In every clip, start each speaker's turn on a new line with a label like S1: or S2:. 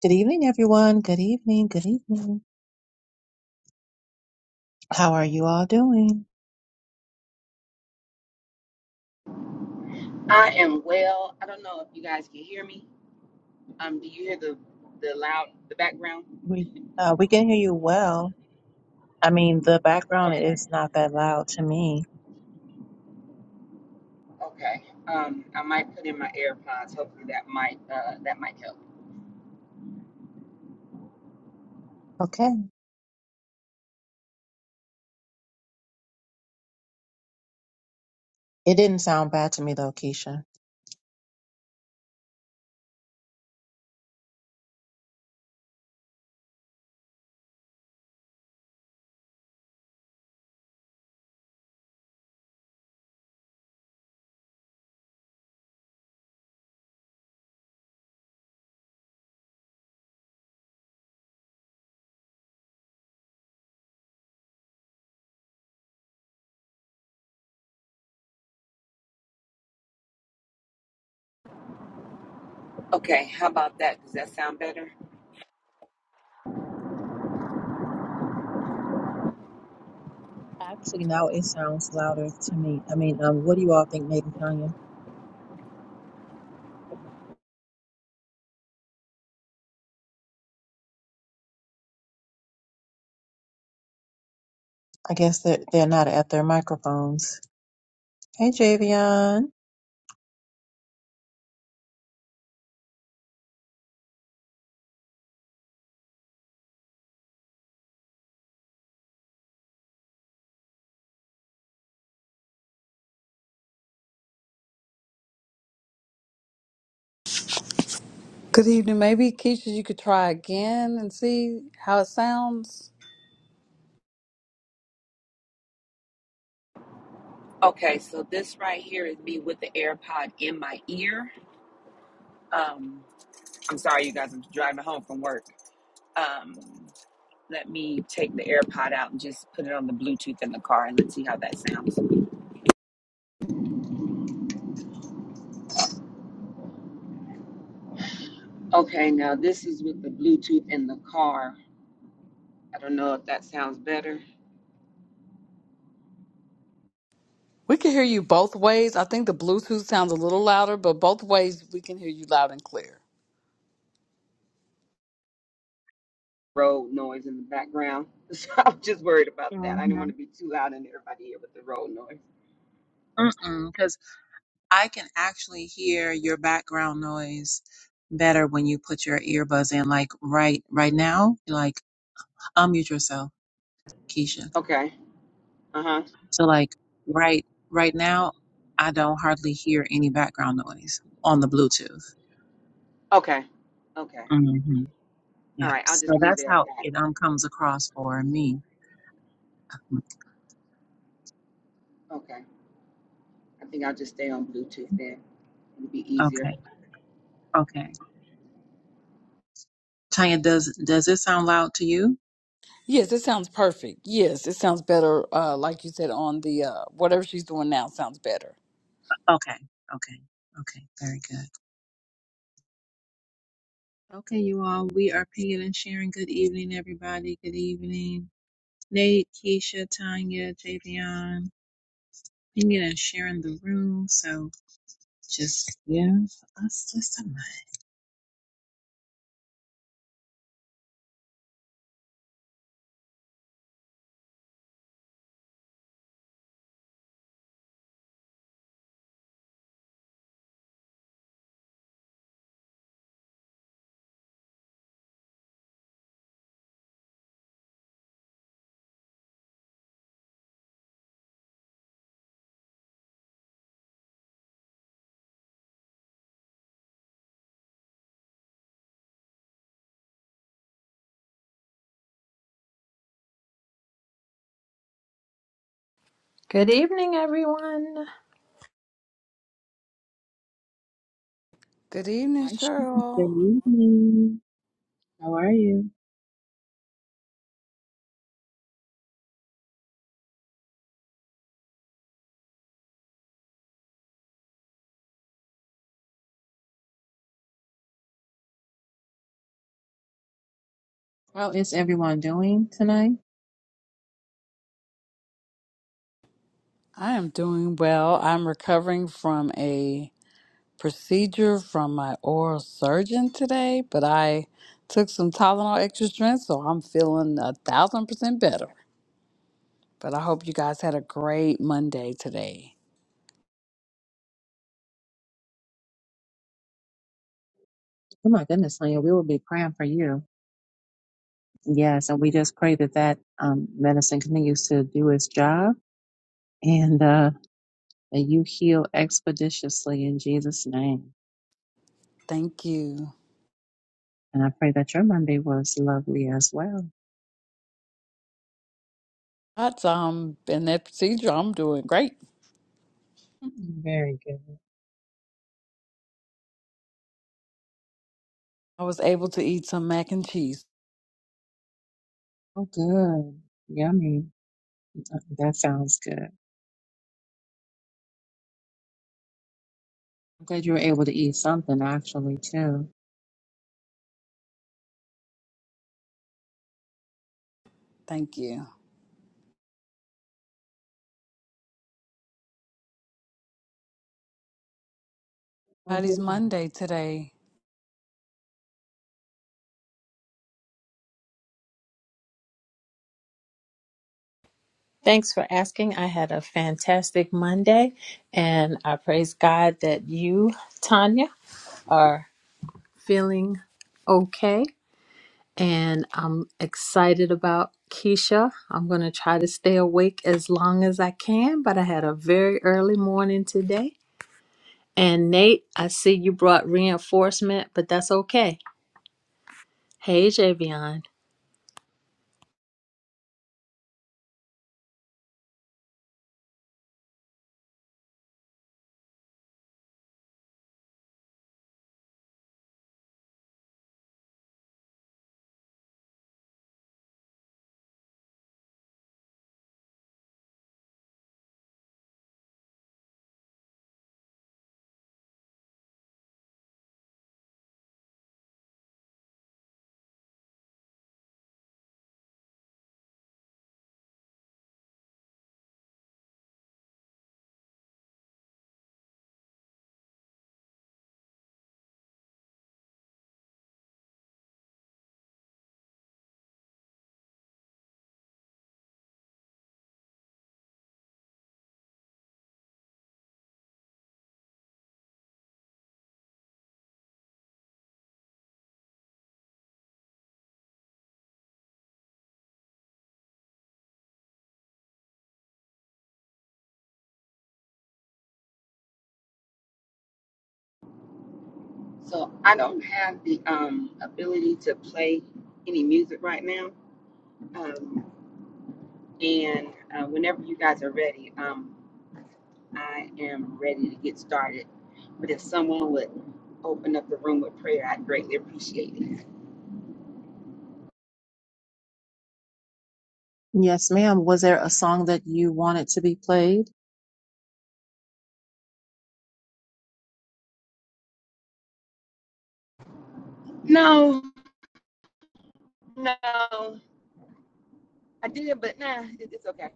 S1: Good evening, everyone. Good evening. Good evening. How are you all doing?
S2: I am well. I don't know if you guys can hear me. Um, do you hear the the loud the background?
S1: We uh, we can hear you well. I mean, the background
S2: Okay.
S1: is not that loud to me.
S2: Okay. Um, I might put in my AirPods. Hopefully that might uh that might help.
S1: Okay. It didn't sound bad to me though, Keisha.
S2: Okay. How about that? Does that sound better?
S1: Actually, now it sounds louder to me. I mean, um, what do you all think, Megan Tanya? I guess that they're, they're not at their microphones. Hey, Javion.
S3: Good evening. Maybe Keisha, you could try again and see how it sounds.
S2: Okay. So this right here is me with the AirPod in my ear. Um, I'm sorry, you guys. I'm driving home from work. Um, let me take the AirPod out and just put it on the Bluetooth in the car and let's see how that sounds. Okay. Now this is with the Bluetooth in the car. I don't know if that sounds better.
S3: We can hear you both ways. I think the Bluetooth sounds a little louder, but both ways we can hear you loud and clear.
S2: Road noise in the background. So I'm just worried about that. I didn't
S1: Mm-hmm.
S2: want to be too loud and everybody here with the road noise.
S1: Mm-mm, because I can actually hear your background noise better when you put your earbuds in. Like right right now, like unmute yourself, Keisha.
S2: Okay. Uh huh.
S1: So like right right now, I don't hardly hear any background noise on the Bluetooth.
S2: Okay. Okay.
S1: hmm
S2: All
S1: Yeah.
S2: right. I'll
S1: So
S2: just leave
S1: that's
S2: it at
S1: how it
S2: that.
S1: um comes across for me.
S2: Okay. I think I'll just stay on Bluetooth then. It'll be easier.
S1: Okay. Okay. Tanya, does does it sound loud to you?
S3: Yes, it sounds perfect. Yes, it sounds better. Uh, like you said on the uh, whatever she's doing now sounds better.
S1: Okay. Okay. Okay. Very good. Okay, you all. We are pinging and sharing. Good evening, everybody. Good evening, Nate, Keisha, Tanya, Javion. Pinging and sharing the room. So Just give us just a minute.
S4: Good evening, everyone.
S3: Good
S1: Hi,
S3: evening,
S1: Sean.
S3: Cheryl.
S1: Good evening. How are you? How is everyone doing tonight?
S3: I am doing well. I'm recovering from a procedure from my oral surgeon today, but I took some Tylenol extra strength, so I'm feeling a thousand percent better. But I hope you guys had a great Monday today.
S1: Oh my goodness, Sonia, we will be praying for you. Yes, and we just pray that that um, medicine continues to do its job and uh, that you heal expeditiously in Jesus' name.
S3: Thank you.
S1: And I pray that your Monday was lovely as well.
S3: That's um in that procedure, I'm doing great.
S1: Mm, Very good.
S3: I was able to eat some mac and cheese.
S1: Oh, good. Yummy. Uh, That sounds good. I'm glad you were able to eat something actually too.
S3: Thank you. Friday's Monday today.
S4: Thanks for asking. I had a fantastic Monday, and I praise God that you, Tanya, are feeling okay. And I'm excited about Keisha. I'm going to try to stay awake as long as I can, but I had a very early morning today. And Nate, I see you brought reinforcement, but that's okay. Hey, Javion.
S2: So I don't have the um, ability to play any music right now. Um, and uh, whenever you guys are ready, um, I am ready to get started. But if someone would open up the room with prayer, I'd greatly appreciate it.
S1: Yes, ma'am. Was there a song that you wanted to be played?
S2: No, no, I did, but nah, it- it's okay.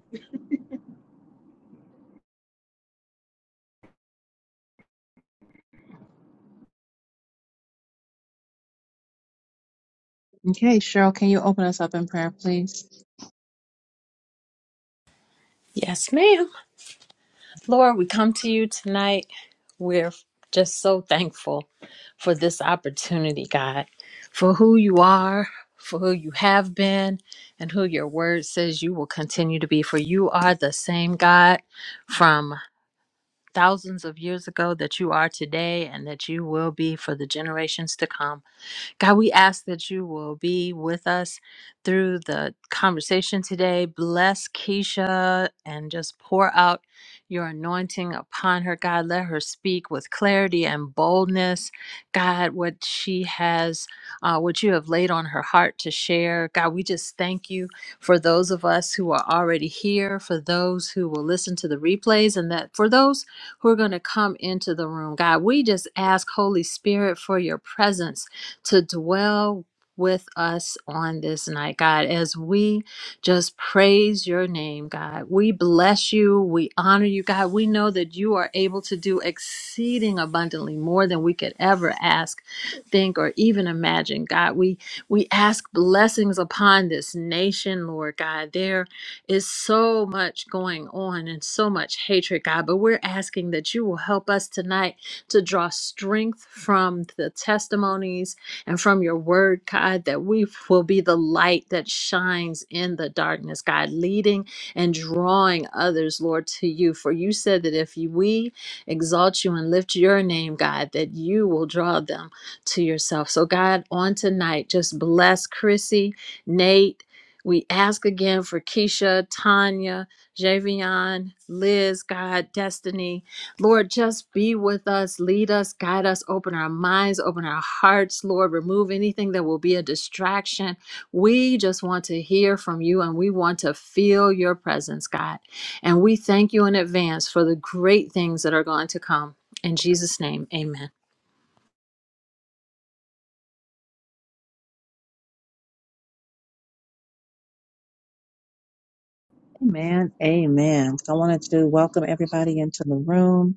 S1: Okay, Cheryl, can you open us up in prayer, please?
S4: Yes, ma'am. Lord, we come to you tonight. We're just so thankful for this opportunity, God, for who you are, for who you have been, and who your word says you will continue to be. For you are the same God from thousands of years ago that you are today and that you will be for the generations to come. God, we ask that you will be with us through the conversation today. Bless Keisha and just pour out your anointing upon her. God, let her speak with clarity and boldness. God, what she has, uh, what you have laid on her heart to share. God, we just thank you for those of us who are already here, for those who will listen to the replays, and that for those who are going to come into the room. God, we just ask, Holy Spirit, for your presence to dwell with us on this night, God, as we just praise your name, God. We bless you. We honor you, God. We know that you are able to do exceeding abundantly more than we could ever ask, think, or even imagine, God. We we ask blessings upon this nation, Lord God. There is so much going on and so much hatred, God, but we're asking that you will help us tonight to draw strength from the testimonies and from your word, God, that we will be the light that shines in the darkness, God, leading and drawing others, Lord, to you. For you said that if you- we exalt you and lift your name, God, that you will draw them to yourself. So, God, on tonight, just bless Chrissy, Nate. We ask again for Keisha, Tanya, Javion, Liz, God, Destiny, Lord, just be with us, lead us, guide us, open our minds, open our hearts, Lord. Remove anything that will be a distraction. We just want to hear from you and we want to feel your presence, God. And we thank you in advance for the great things that are going to come. In Jesus' name, amen.
S1: Amen. Amen. I wanted to welcome everybody into the room.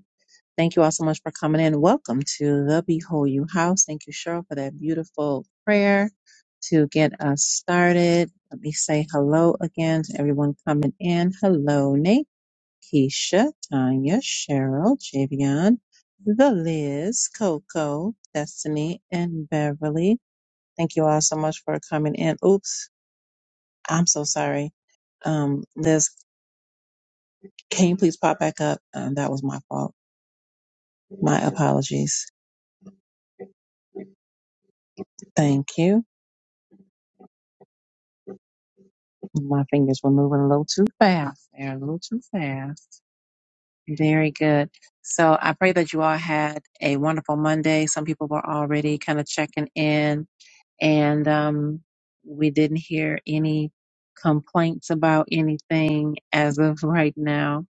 S1: Thank you all so much for coming in. Welcome to the Behold You House. Thank you, Cheryl, for that beautiful prayer to get us started. Let me say hello again to everyone coming in. Hello, Nate, Keisha, Tanya, Cheryl, Javion, the Liz, Coco, Destiny, and Beverly. Thank you all so much for coming in. Oops, I'm so sorry. Um, Liz, can you please pop back up? Um, that was my fault. My apologies. Thank you. My fingers were moving a little too fast. They're a little too fast. Very good. So I pray that you all had a wonderful Monday. Some people were already kind of checking in and um, we didn't hear any complaints about anything as of right now.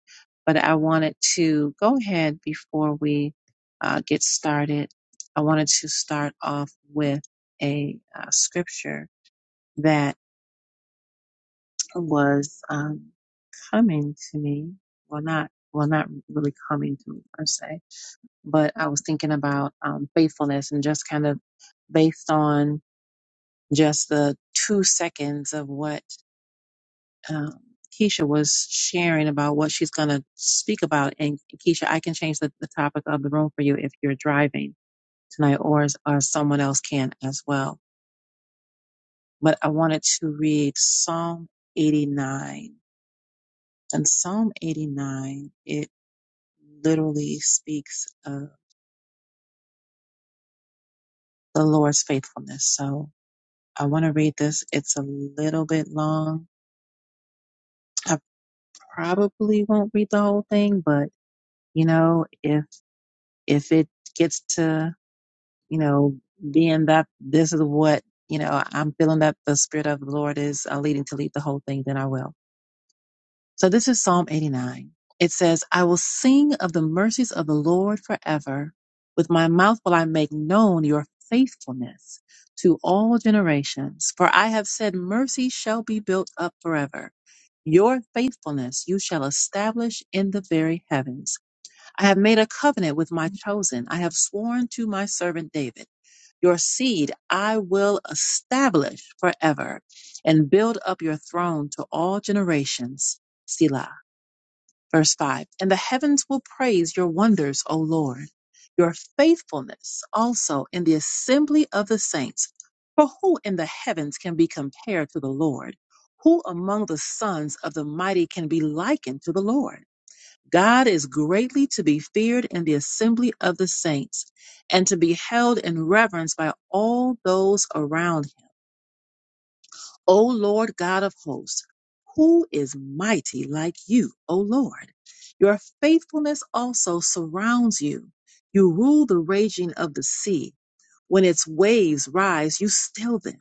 S1: But I wanted to go ahead before we uh, get started. I wanted to start off with a uh, scripture that was um, coming to me. Well, not well, not really coming to me per se, but I was thinking about um, faithfulness and just kind of based on just the two seconds of what um, Keisha was sharing about what she's going to speak about. And Keisha, I can change the, the topic of the room for you if you're driving tonight or, or someone else can as well. But I wanted to read Psalm 89. And Psalm 89, it literally speaks of the Lord's faithfulness. So I want to read this. It's a little bit long. I probably won't read the whole thing, but you know, if if it gets to you know being that this is what you know i'm feeling that the spirit of the lord is uh, leading to lead the whole thing then i will so this is psalm 89 it says i will sing of the mercies of the lord forever with my mouth will i make known your faithfulness to all generations for i have said mercy shall be built up forever your faithfulness you shall establish in the very heavens I have made a covenant with my chosen. I have sworn to my servant David, your seed I will establish forever and build up your throne to all generations. Selah. Verse 5. And the heavens will praise your wonders, O Lord, your faithfulness also in the assembly of the saints. For who in the heavens can be compared to the Lord? Who among the sons of the mighty can be likened to the Lord? God is greatly to be feared in the assembly of the saints, and to be held in reverence by all those around him. O Lord God of hosts, who is mighty like you, O Lord? Your faithfulness also surrounds you. You rule the raging of the sea. When its waves rise, you still them.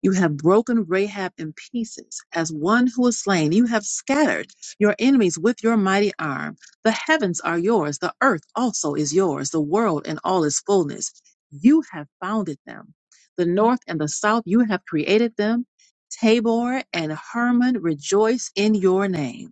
S1: You have broken Rahab in pieces as one who is slain. You have scattered your enemies with your mighty arm. The heavens are yours. The earth also is yours. The world and all its fullness. You have founded them. The north and the south, you have created them. Tabor and Hermon rejoice in your name.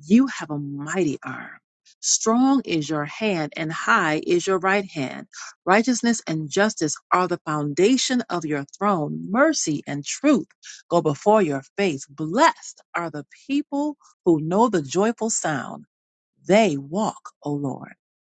S1: You have a mighty arm. Strong is your hand, and high is your right hand. Righteousness and justice are the foundation of your throne. Mercy and truth go before your face. Blessed are the people who know the joyful sound. They walk, O Lord,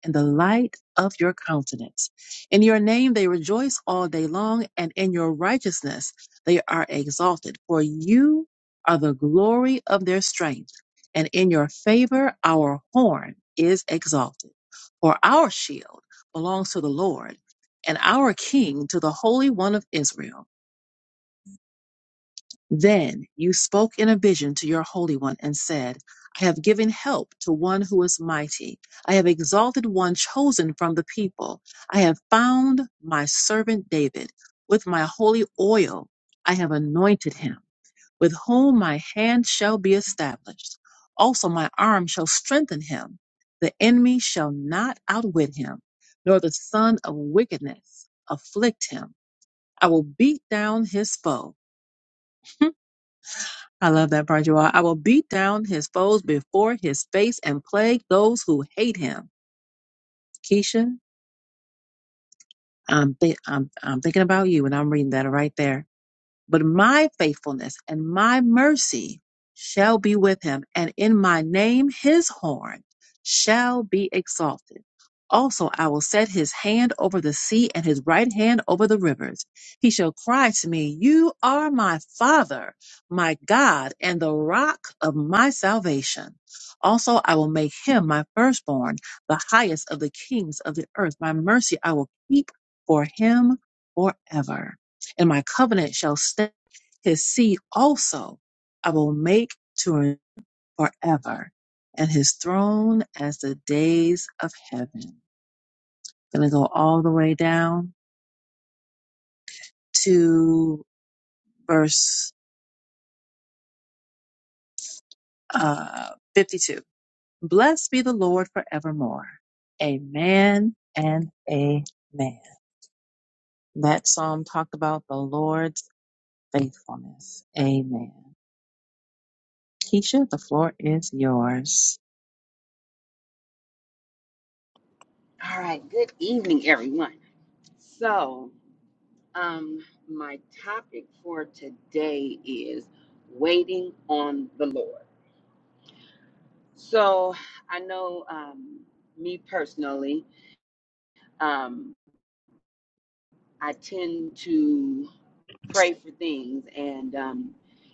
S1: in the light of your countenance. In your name they rejoice all day long, and in your righteousness they are exalted. For you are the glory of their strength, and in your favor our horn is exalted. For our shield belongs to the Lord, and our King to the Holy One of Israel. Then you spoke in a vision to your Holy One and said, I have given help to one who is mighty. I have exalted one chosen from the people. I have found my servant David. With my holy oil, I have anointed him, with whom my hand shall be established. Also, my arm shall strengthen him. The enemy shall not outwit him, nor the son of wickedness afflict him. I will beat down his foe I love that part, you all. I will beat down his foes before his face and plague those who hate him. Keisha, I'm, thi- I'm, I'm thinking about you and I'm reading that right there. But my faithfulness and my mercy shall be with him, and in my name his horn shall be exalted. Also, I will set his hand over the sea and his right hand over the rivers. He shall cry to me, You are my Father, my God, and the rock of my salvation. Also, I will make him my firstborn, the highest of the kings of the earth. My mercy I will keep for him forever and my covenant shall stand. His seed also I will make to reign forever, and his throne as the days of heaven. Gonna go all the way down to verse uh, 52. Blessed be the Lord forevermore. Amen and amen. That psalm talked about the Lord's faithfulness. Amen. Keisha, the floor is yours.
S2: All right. Good evening, everyone. So, um, my topic for today is waiting on the Lord. So, I know um, me personally, um, I tend to pray for things and um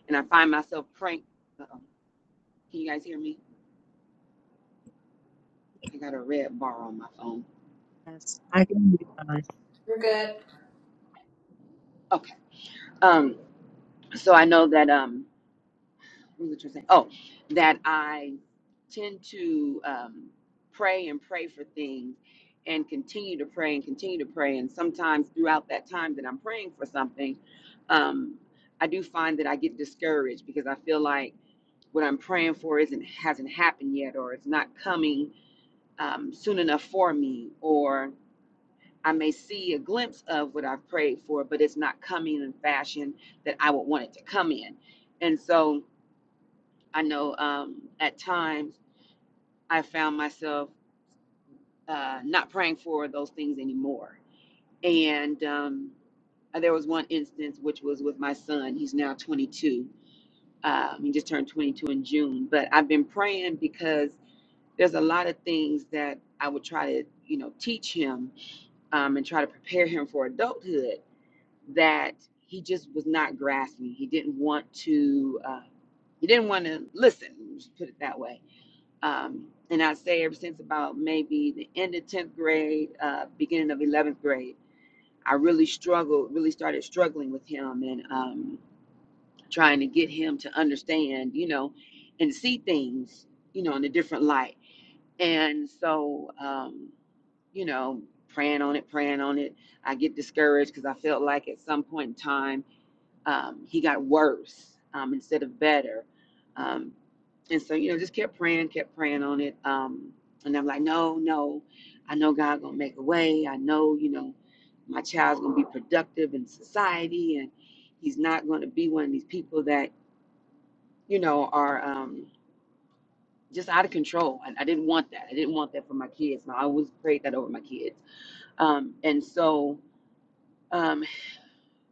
S2: and I find myself praying uh-oh, can you guys hear me? I got a red bar on my phone.
S1: Yes, I can. hear you
S2: Okay. Um so I know that um what was I trying to say? Oh, that I tend to um pray and pray for things and continue to pray and continue to pray and sometimes throughout that time that I'm praying for something um I do find that I get discouraged because I feel like what I'm praying for isn't hasn't happened yet or it's not coming um, soon enough for me, or I may see a glimpse of what I've prayed for, but it's not coming in fashion that I would want it to come in. And so I know um, at times I found myself uh, not praying for those things anymore. And um, there was one instance which was with my son. He's now 22. Um, he just turned 22 in June. But I've been praying because there's a lot of things that I would try to, you know, teach him um, and try to prepare him for adulthood that he just was not grasping. He didn't want to. Uh, he didn't want to listen. let's Put it that way. Um, and I'd say ever since about maybe the end of tenth grade, uh, beginning of eleventh grade, I really struggled. Really started struggling with him and um, trying to get him to understand, you know, and see things, you know, in a different light. And so. Um, you know, praying on it, praying on it. I get discouraged because I felt like at some point in time, um, he got worse um, instead of better. Um, and so, you know, just kept praying, kept praying on it. Um, and I'm like, no, no, I know God gonna make a way. I know, you know, my child's gonna be productive in society, and he's not gonna be one of these people that, you know, are um, just out of control. I, I didn't want that. I didn't want that for my kids. And I always prayed that over my kids um, and so um,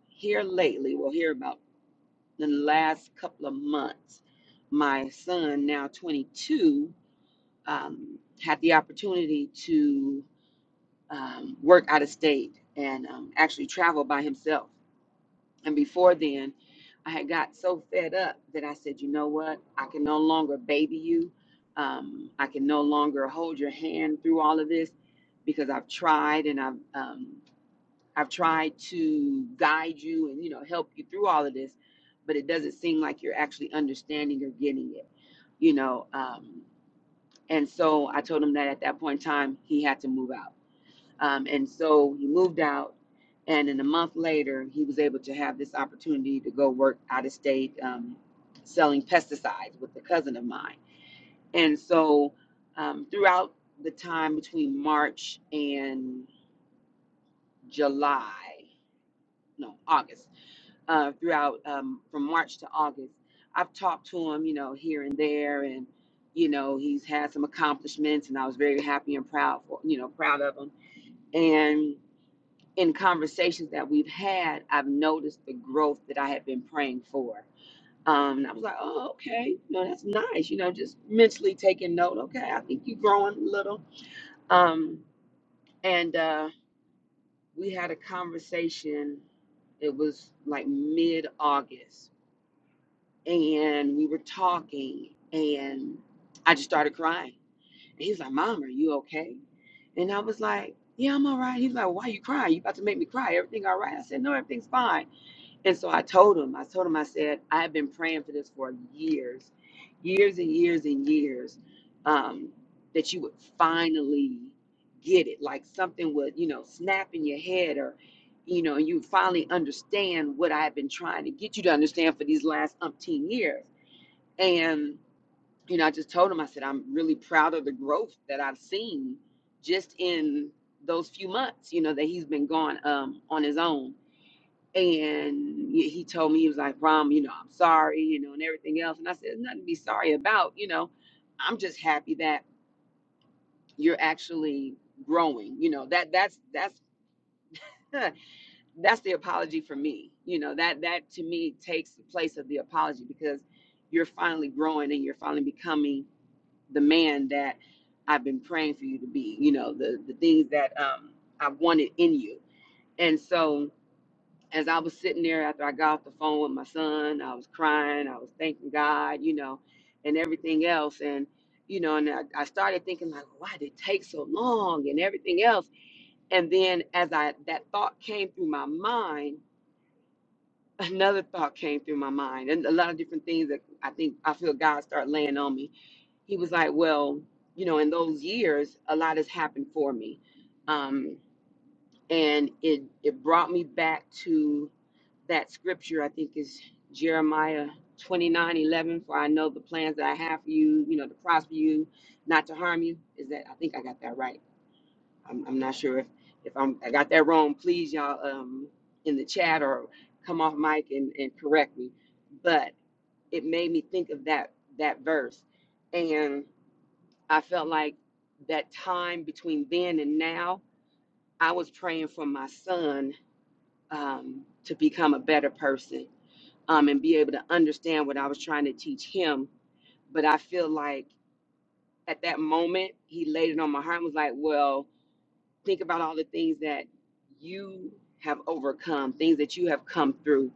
S2: here lately, well, here about the last couple of months, my son, now 22, um, had the opportunity to um, work out of state and um, actually travel by himself. And before then, I had got so fed up that I said, you know what? I can no longer baby you. Um, I can no longer hold your hand through all of this because I've tried and I've um, I've tried to guide you and you know help you through all of this, but it doesn't seem like you're actually understanding or getting it, you know. Um, and so I told him that at that point in time he had to move out, um, and so he moved out. And then a month later, he was able to have this opportunity to go work out of state um, selling pesticides with a cousin of mine. And so um, throughout the time between March and July, no, August. uh, throughout um, from March to August. I've talked to him, you know, here and there, and you know, he's had some accomplishments, and I was very happy and proud for, you know, proud of him. And in conversations that we've had, I've noticed the growth that I had been praying for. Um, and I was like, oh, okay, no, that's nice, you know, just mentally taking note. Okay, I think you're growing a little. Um, and uh, we had a conversation. It was like mid August and we were talking and I just started crying. And he was like, Mom, are you okay? And I was like, Yeah, I'm all right. He's like, Why are you crying? You about to make me cry. Everything all right? I said, No, everything's fine. And so I told him, I told him, I said, I have been praying for this for years, years and years and years, um, that you would finally get it. Like something would, you know, snap in your head or you know, and you finally understand what I've been trying to get you to understand for these last umpteen years. And, you know, I just told him, I said, I'm really proud of the growth that I've seen just in those few months, you know, that he's been gone um, on his own. And he he told me, he was like, Rom, you know, I'm sorry, you know, and everything else. And I said, "There's nothing to be sorry about, you know, I'm just happy that you're actually growing, you know, that that's, that's, that's the apology for me. You know, that, that to me takes the place of the apology because you're finally growing and you're finally becoming the man that I've been praying for you to be, you know, the, the things that um, I wanted in you. And so as I was sitting there after I got off the phone with my son, I was crying, I was thanking God, you know, and everything else. And, you know, and I, I started thinking like, why did it take so long and everything else. And then as I that thought came through my mind, another thought came through my mind and a lot of different things that I think I feel God start laying on me he was like, Well, you know, in those years, a lot has happened for me. Um, and it it brought me back to that scripture, I think is Jeremiah 29 11. For I know the plans that I have for you, you know, to prosper you, not to harm you. Is that, I think I got that right. I'm, I'm not sure if, if I'm, I got that wrong. Please, y'all, um, in the chat or come off mic and, and correct me. But it made me think of that, that verse. And I felt like that time between then and now, I was praying for my son um, to become a better person um, and be able to understand what I was trying to teach him. But I feel like at that moment, he laid it on my heart and was like, Well, think about all the things that you have overcome, things that you have come through.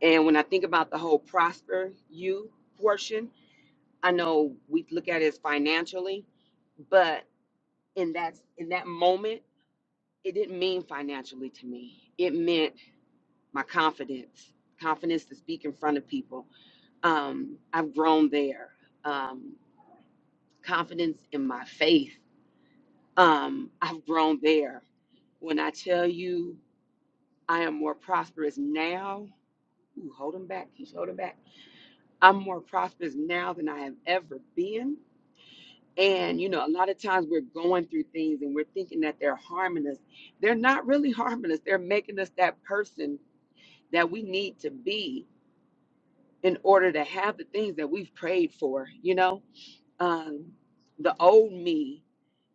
S2: And when I think about the whole prosper you portion, I know we look at it as financially, but in that in that moment it didn't mean financially to me. It meant my confidence, confidence to speak in front of people. Um, I've grown there. Um, confidence in my faith. Um, I've grown there. When I tell you I am more prosperous now, ooh, hold 'em back, keep holding back. I'm more prosperous now than I have ever been. And you know, a lot of times we're going through things and we're thinking that they're harming us. They're not really harming us. They're making us that person that we need to be in order to have the things that we've prayed for you know um the old me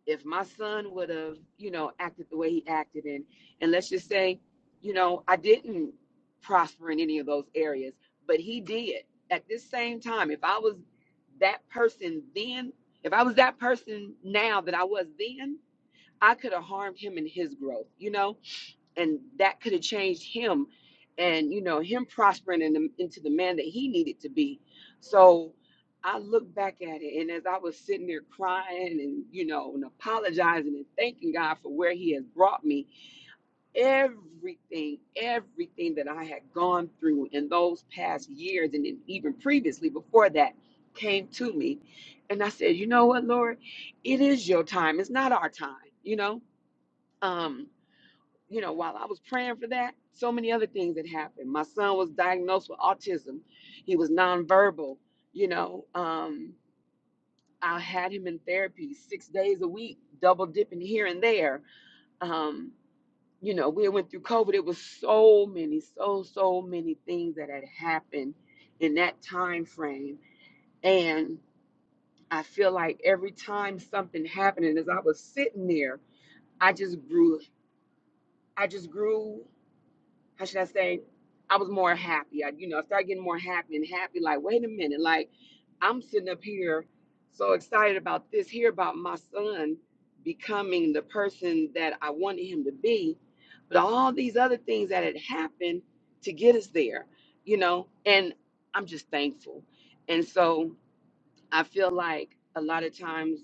S2: if my son would have you know acted the way he acted and and let's just say you know i didn't prosper in any of those areas but he did at this same time if i was that person then if i was that person now that i was then i could have harmed him in his growth you know and that could have changed him and you know him prospering in the, into the man that he needed to be so i look back at it and as i was sitting there crying and you know and apologizing and thanking god for where he has brought me everything everything that i had gone through in those past years and then even previously before that came to me and i said you know what lord it is your time it's not our time you know um you know, while I was praying for that, so many other things had happened. My son was diagnosed with autism. He was nonverbal. You know, um, I had him in therapy six days a week, double dipping here and there. Um, you know, we went through COVID. It was so many, so so many things that had happened in that time frame, and I feel like every time something happened, and as I was sitting there, I just grew. I just grew how should I say? I was more happy. I, you know, I started getting more happy and happy. Like, wait a minute, like I'm sitting up here so excited about this, here about my son becoming the person that I wanted him to be, but all these other things that had happened to get us there, you know, and I'm just thankful. And so I feel like a lot of times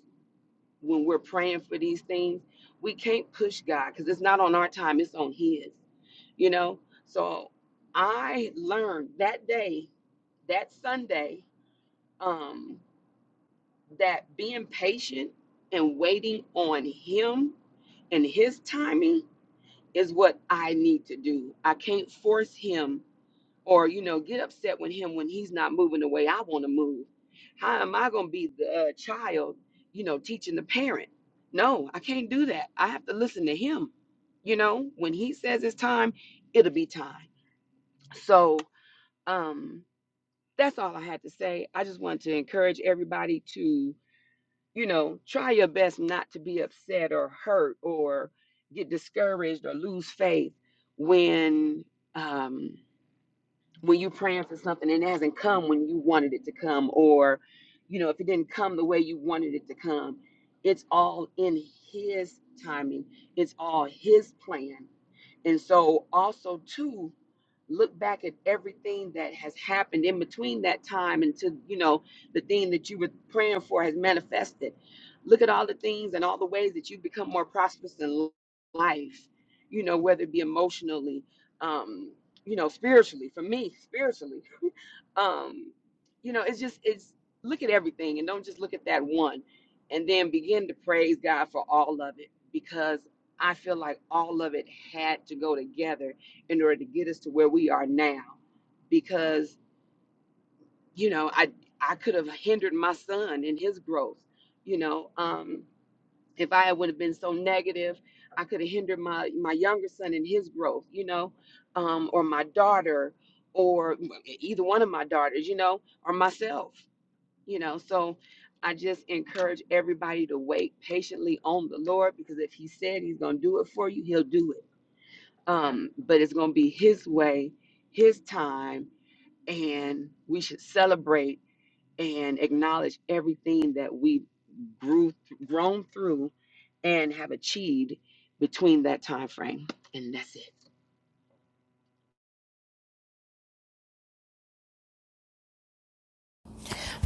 S2: when we're praying for these things, we can't push God because it's not on our time, it's on His you know so i learned that day that sunday um that being patient and waiting on him and his timing is what i need to do i can't force him or you know get upset with him when he's not moving the way i want to move how am i going to be the uh, child you know teaching the parent no i can't do that i have to listen to him you know when he says it's time it'll be time so um that's all i had to say i just want to encourage everybody to you know try your best not to be upset or hurt or get discouraged or lose faith when um when you're praying for something and it hasn't come when you wanted it to come or you know if it didn't come the way you wanted it to come it's all in his timing it's all his plan and so also too look back at everything that has happened in between that time until you know the thing that you were praying for has manifested look at all the things and all the ways that you become more prosperous in life you know whether it be emotionally um you know spiritually for me spiritually um you know it's just it's look at everything and don't just look at that one and then begin to praise god for all of it because i feel like all of it had to go together in order to get us to where we are now because you know i i could have hindered my son in his growth you know um if I would have been so negative, I could have hindered my my younger son in his growth, you know, um, or my daughter, or either one of my daughters, you know, or myself, you know. So I just encourage everybody to wait patiently on the Lord because if He said He's going to do it for you, He'll do it. Um, but it's going to be His way, His time, and we should celebrate and acknowledge everything that we grew grown through and have achieved between that time frame and that's it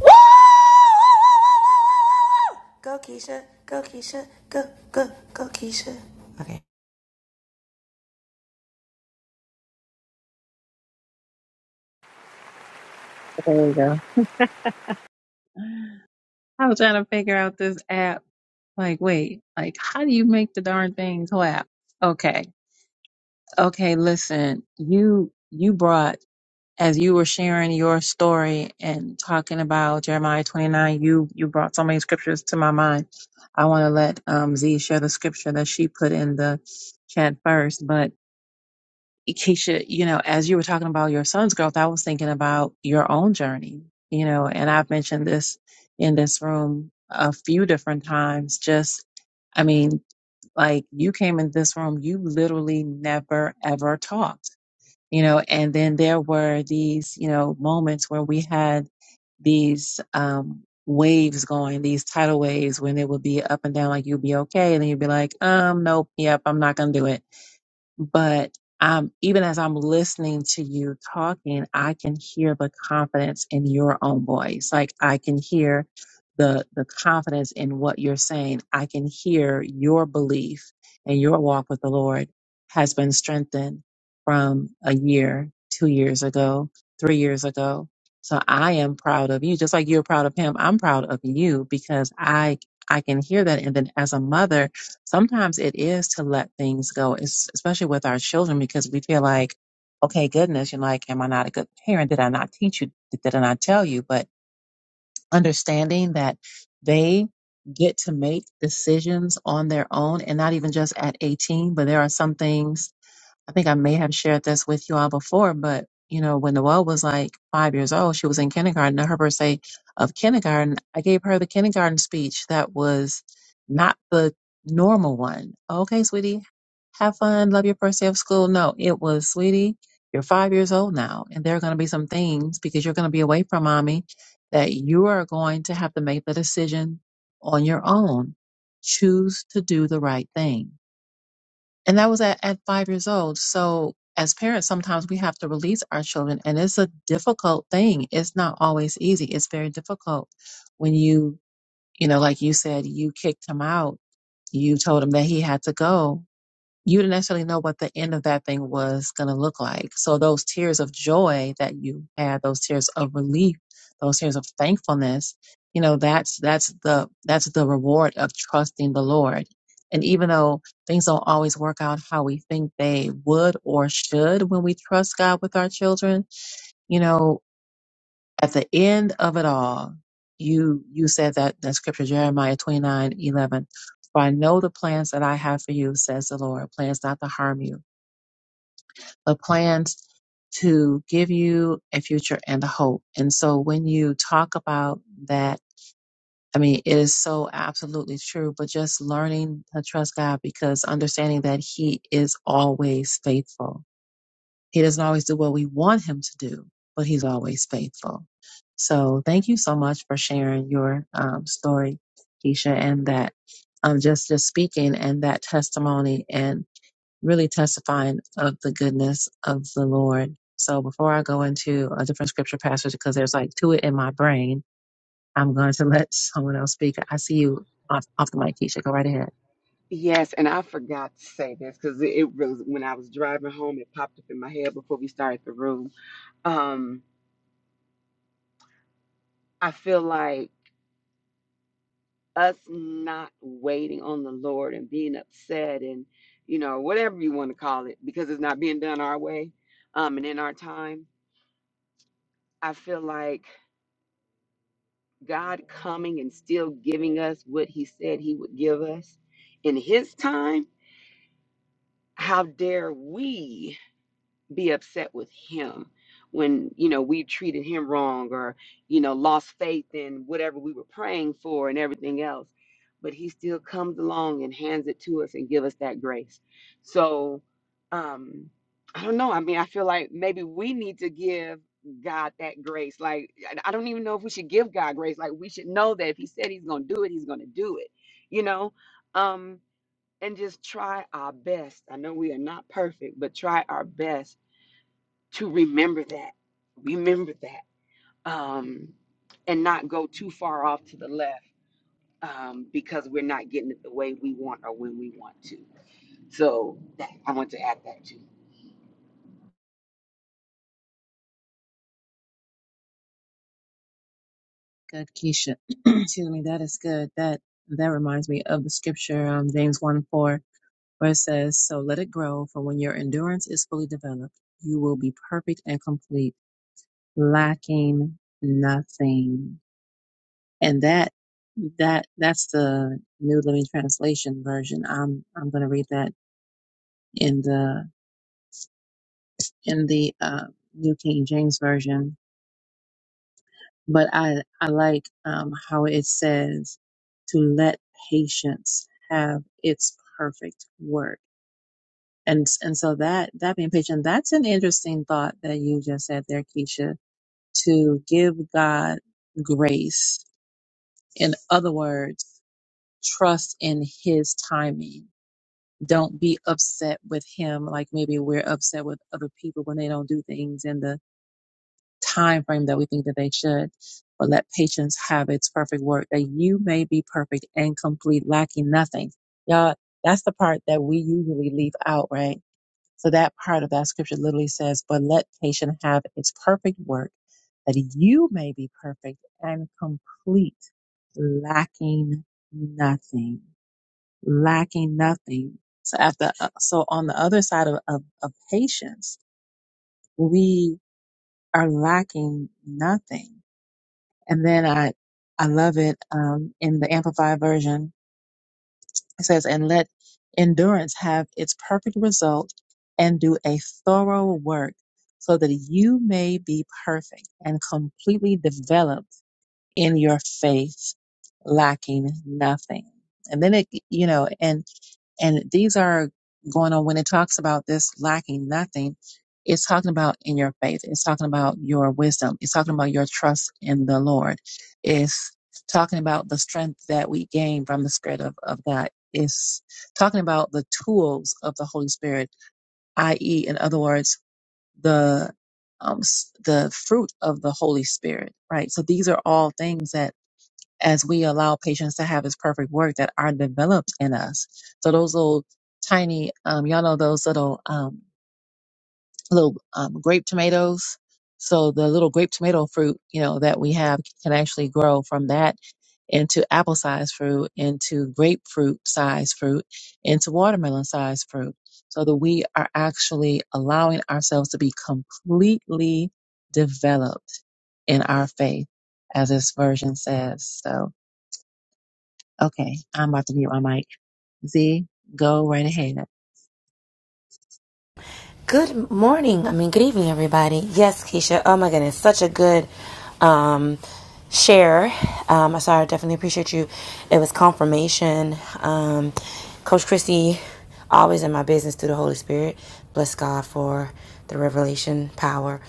S5: Woo! Woo! Woo! Woo! Woo! Go Keisha, go Keisha, go, go, go Keisha.
S1: There we go. I was trying to figure out this app. Like, wait, like, how do you make the darn thing clap? Okay. Okay. Listen, you, you brought, as you were sharing your story and talking about Jeremiah 29, you, you brought so many scriptures to my mind. I want to let, um, Z share the scripture that she put in the chat first, but Keisha, you know, as you were talking about your son's growth, I was thinking about your own journey, you know, and I've mentioned this in this room a few different times. Just, I mean, like you came in this room, you literally never ever talked, you know, and then there were these, you know, moments where we had these, um, waves going these tidal waves when it would be up and down like you'd be okay and then you'd be like um nope yep i'm not gonna do it but um, even as I'm listening to you talking, I can hear the confidence in your own voice. Like I can hear the the confidence in what you're saying. I can hear your belief and your walk with the Lord has been strengthened from a year, two years ago, three years ago. So I am proud of you, just like you're proud of him. I'm proud of you because I I can hear that. And then as a mother, sometimes it is to let things go, es- especially with our children, because we feel like, okay, goodness, you're like, am I not a good parent? Did I not teach you? Did I not tell you? But understanding that they get to make decisions on their own and not even just at 18, but there are some things I think I may have shared this with you all before, but you know, when Noelle was like five years old, she was in kindergarten. I her birthday of kindergarten, I gave her the kindergarten speech that was not the normal one. Okay, sweetie, have fun, love your first day of school. No, it was, sweetie, you're five years old now, and there are going to be some things because you're going to be away from mommy that you are going to have to make the decision on your own. Choose to do the right thing and that was at, at five years old. So as parents, sometimes we have to release our children and it's a difficult thing. It's not always easy. It's very difficult when you, you know, like you said, you kicked him out. You told him that he had to go you didn't necessarily know what the end of that thing was going to look like. So those tears of joy that you had, those tears of relief, those tears of thankfulness, you know, that's, that's the, that's the reward of trusting the Lord. And even though things don't always work out how we think they would or should when we trust God with our children, you know, at the end of it all, you you said that that scripture Jeremiah twenty nine eleven. For I know the plans that I have for you, says the Lord, plans not to harm you, but plans to give you a future and a hope. And so when you talk about that, I mean, it is so absolutely true, but just learning to trust God because understanding that He is always faithful he doesn't always do what we want him to do, but he's always faithful. So thank you so much for sharing your um, story, Keisha, and that um, just just speaking and that testimony and really testifying of the goodness of the Lord. So before I go into a different scripture passage, because there's like two in my brain, I'm going to let someone else speak. I see you off, off the mic, Keisha. Go right ahead.
S2: yes and i forgot to say this because it, it was when i was driving home it popped up in my head before we started the room um i feel like us not waiting on the lord and being upset and you know whatever you want to call it because it's not being done our way um and in our time i feel like God coming and still giving us what He said He would give us in His time, how dare we? be upset with him when you know we treated him wrong or you know lost faith in whatever we were praying for and everything else but he still comes along and hands it to us and give us that grace so um i don't know i mean i feel like maybe we need to give god that grace like i I don't even know if we should give god grace like we should know that if he said he's gonna do it he's gonna do it you know um and just try our best i know we are not perfect but try our best to remember that. Remember that. Um, and not go too far off to the left um, because we're not getting it the way we want or when we want to. So that, I want to add that too.
S1: Good, Keisha. Excuse me. That is good. That that reminds me of the scripture, um, James one four, where it says, "So let it grow, for when your endurance is fully developed, you will be perfect and complete, lacking nothing." And that that that's the New Living Translation version. I'm I'm going to read that in the in the uh, New King James Version, but I I like um, how it says to let patience have its perfect work, and and so that that being patient, that's an interesting thought that you just said there, Keisha, to give God grace. In other words, trust in His timing. Don't be upset with Him like maybe we're upset with other people when they don't do things in the time frame that we think that they should. But let patience have its perfect work, that you may be perfect and complete, lacking nothing. Y'all, that's the part that we usually leave out, right? So that part of that scripture literally says, but let patience have its perfect work, that you may be perfect and complete, lacking nothing, lacking nothing. So after, so on the other side of, of, of patience, we are lacking nothing. And then I, I love it um, in the Amplified version. It says, and let endurance have its perfect result and do a thorough work so that you may be perfect and completely developed in your faith, lacking nothing. And then it, you know, and and these are going on when it talks about this lacking nothing. It's talking about in your faith. It's talking about your wisdom. It's talking about your trust in the Lord. It's talking about the strength that we gain from the Spirit of, of God. It's talking about the tools of the Holy Spirit, i.e., in other words, the um, s- the fruit of the Holy Spirit, right? So these are all things that as we allow patients to have this perfect work that are developed in us. So those little tiny, um, y'all know those little um, little um, grape tomatoes. So the little grape tomato fruit, you know, that we have can actually grow from that into apple size fruit, into grapefruit size fruit, into watermelon size fruit. So that we are actually allowing ourselves to be completely developed in our faith, as this version says. So Okay, I'm about to mute my mic. Z, go right ahead.
S5: Good morning. I mean, good evening, everybody. Yes, Keisha. Oh my goodness, such a good um, share. Um, so I definitely appreciate you. It was confirmation. Um, Coach Christy, always in my business through the Holy Spirit. Bless God for the revelation power.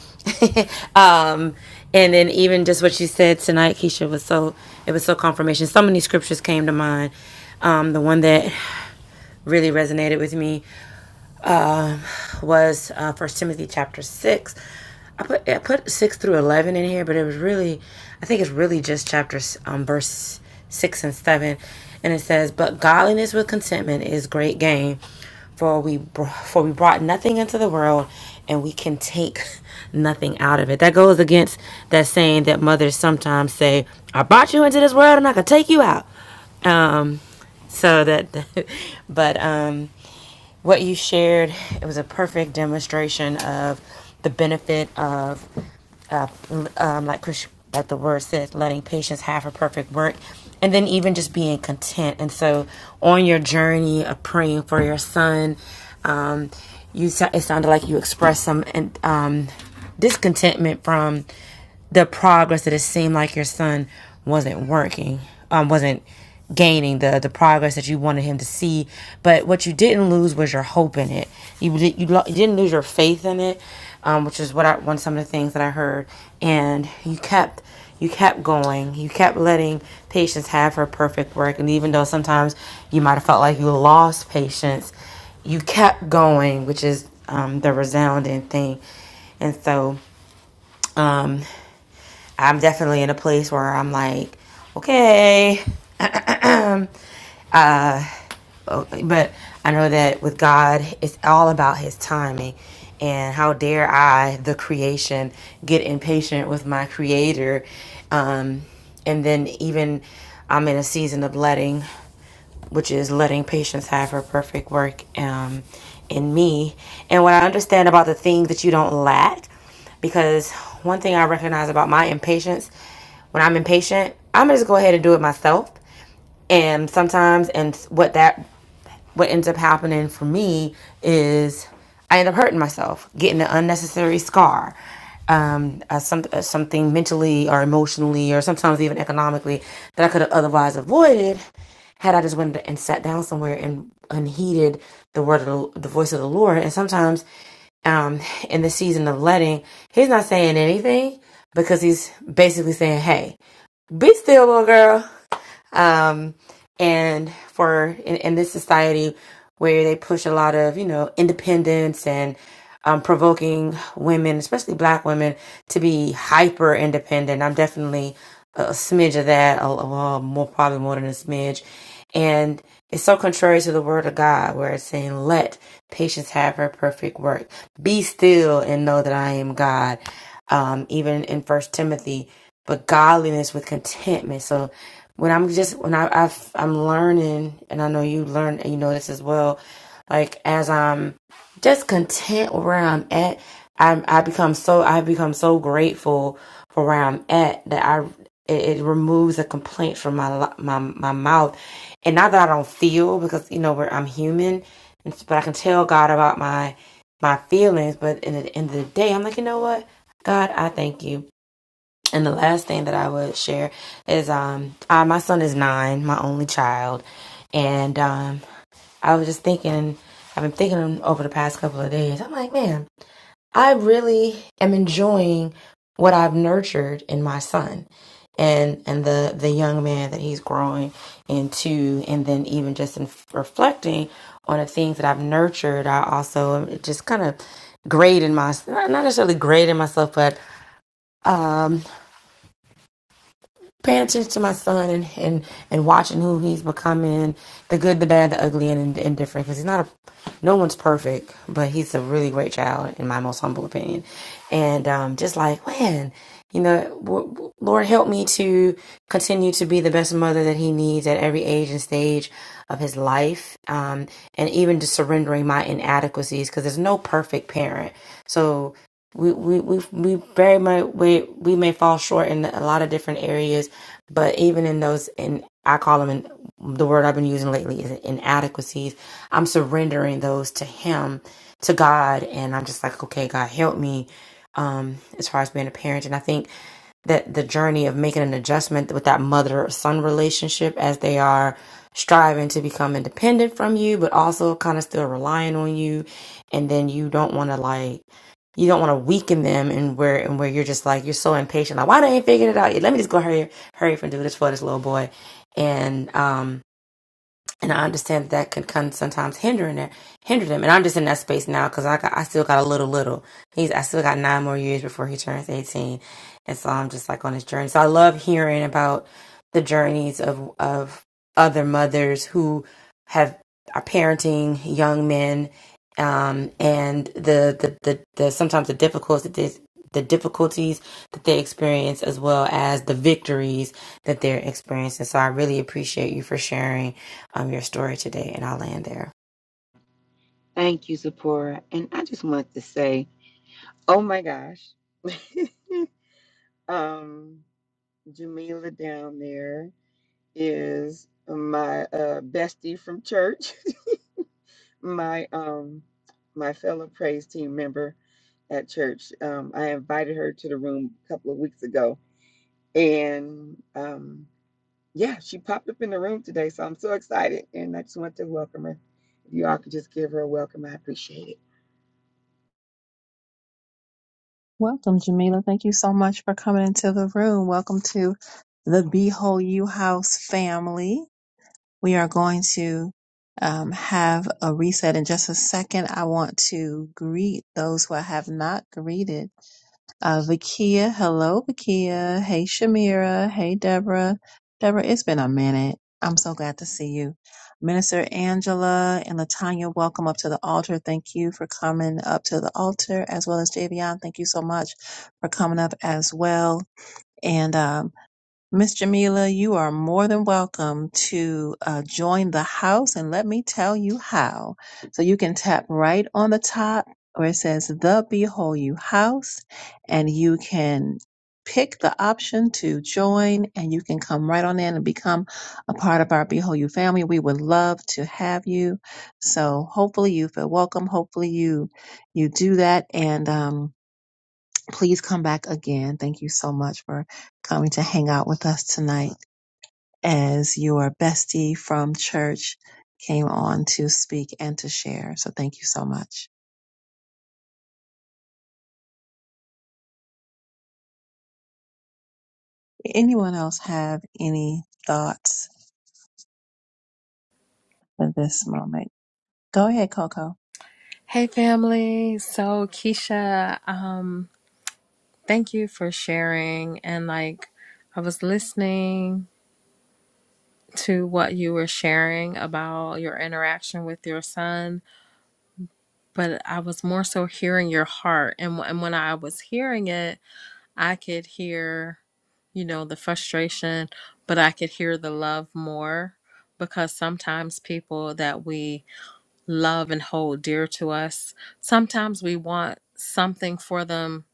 S5: um, and then even just what you said tonight, Keisha was so. It was so confirmation. So many scriptures came to mind. Um, the one that really resonated with me um, was uh, First Timothy chapter six. I put I put six through eleven in here, but it was really, I think it's really just chapters um verse six and seven, and it says, "But godliness with contentment is great gain, for we br- for we brought nothing into the world, and we can take nothing out of it." That goes against that saying that mothers sometimes say, "I brought you into this world, and I can take you out." Um, so that, but um what you shared it was a perfect demonstration of the benefit of uh, um, like Chris, like the word says letting patients have a perfect work and then even just being content and so on your journey of praying for your son um, you it sounded like you expressed some um, discontentment from the progress that it seemed like your son wasn't working, um, wasn't gaining the the progress that you wanted him to see. But what you didn't lose was your hope in it. You di- you, lo- you didn't lose your faith in it, um, which is what I one some of the things that I heard. And you kept you kept going. You kept letting patience have her perfect work. And even though sometimes you might have felt like you lost patience, you kept going, which is um, the resounding thing. And so. um, I'm definitely in a place where I'm like, okay, Okay, but I know that with God, it's all about His timing. And how dare I, the creation, get impatient with my Creator? Um, and then even I'm in a season of letting, which is letting patience have her perfect work um, in me. And what I understand about the things that you don't lack, because one thing I recognize about my impatience, when I'm impatient, I'm gonna just go ahead and do it myself. And sometimes, and what that what ends up happening for me is I end up hurting myself, getting an unnecessary scar, um, uh, some, uh, something mentally or emotionally or sometimes even economically that I could have otherwise avoided had I just went and sat down somewhere and unheeded the word of the, the voice of the Lord. And sometimes um, in the season of letting, he's not saying anything because he's basically saying, "Hey, be still, little girl um, and for in, in this society where they push a lot of you know independence and um, provoking women, especially black women, to be hyper independent. I'm definitely a, smidge of that, a, well, more probably more than a smidge, and it's so contrary to the word of God, where it's saying, "Let patience have her perfect work. Be still and know that I am God." Um, even in First Timothy but godliness with contentment. So when I'm just when I I've, I'm learning, and I know you learn, and you know this as well. Like as I'm just content with where I'm at, I I become so I become so grateful for where I'm at that I it, it removes a complaint from my my my mouth, and not that I don't feel because you know where I'm human, and but I can tell God about my my feelings. But in the end of the day, I'm like you know what, God, I thank you and the last thing that I would share is um I, my son is nine, my only child, and um I was just thinking I've been thinking over the past couple of days. I'm like, man, I really am enjoying what I've nurtured in my son and and the the young man that he's growing into and then even just in reflecting on the things that I've nurtured, I also um, just kind of grading myself not necessarily grading myself, but um. paying attention to my son and and, and watching who he's becoming, the good, the bad, the ugly, and indifferent. Because he's not a, no one's perfect, but he's a really great child, in my most humble opinion. And um, just like man, you know, w- Lord help me to continue to be the best mother that he needs at every age and stage of his life, um, and even just surrendering my inadequacies, because there's no perfect parent. So we we we we very much we we may fall short in a lot of different areas, but even in those in I call them in the word I've been using lately is inadequacies. I'm surrendering those to Him, to God, and I'm just like, okay, God, help me. Um, as far as being a parent, and I think that the journey of making an adjustment with that mother or son relationship as they are striving to become independent from you, but also kind of still relying on you, and then you don't want to like you don't want to weaken them and where and where you're just like you're so impatient like why they ain't figured it out yet let me just go hurry hurry up and do this for this little boy and um and I understand that can kind of sometimes hinder in it, hinder them. And I'm just in that space now because I got, I still got a little, little. He's, I still got nine more years before he turns 18, and so I'm just like on his journey. So I love hearing about the journeys of of other mothers who have are parenting young men, um, and the the the, the sometimes the difficulties that they, the difficulties that they experience as well as the victories that they're experiencing. So I really appreciate you for sharing um, your story today, and I'll land there.
S2: Thank you, Zipporah. And I just want to say, oh my gosh, um, Jamila down there is my uh, bestie from church. my um my fellow praise team member at church. Um, I invited her to the room a couple of weeks ago, and um, yeah, she popped up in the room today, so I'm so excited, and I just want to welcome her. If you all could just give her a welcome, I appreciate it.
S1: Welcome, Jamila. Thank you so much for coming into the room. Welcome to the Behold You House family. We are going to um, have a reset in just a second. I want to greet those who I have not greeted. Uh, Vakia, hello, Vakia. Hey, Shamira. Hey, Deborah. Deborah, it's been a minute. I'm so glad to see you. Minister Angela and Latanya, welcome up to the altar. Thank you for coming up to the altar, as well as Javion. Thank you so much for coming up as well. And um, Miss Jamila, you are more than welcome to uh, join the house, and let me tell you how. So you can tap right on the top where it says the Behold You House, and you can pick the option to join, and you can come right on in and become a part of our Behold You family. We would love to have you. So hopefully you feel welcome. Hopefully you you do that, and um, please come back again. Thank you so much for coming to hang out with us tonight as your bestie from church came on to speak and to share. So thank you so much. Anyone else have any thoughts at this moment? Go ahead, Coco.
S6: Hey family. So Keisha, um thank you for sharing and like I was listening to what you were sharing about your interaction with your son, but I was more so hearing your heart and wh- and when I was hearing it, I could hear you know the frustration, but I could hear the love more because sometimes people that we love and hold dear to us, sometimes we want something for them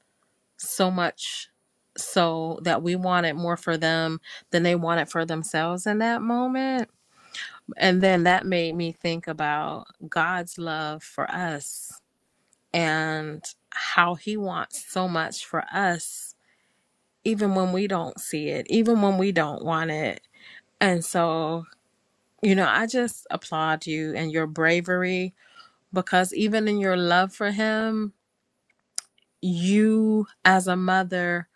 S6: so much so that we wanted more for them than they wanted for themselves in that moment. And then that made me think about God's love for us and how He wants so much for us, even when we don't see it, even when we don't want it. And so, you know, I just applaud you and your bravery because even in your love for Him, you as a mother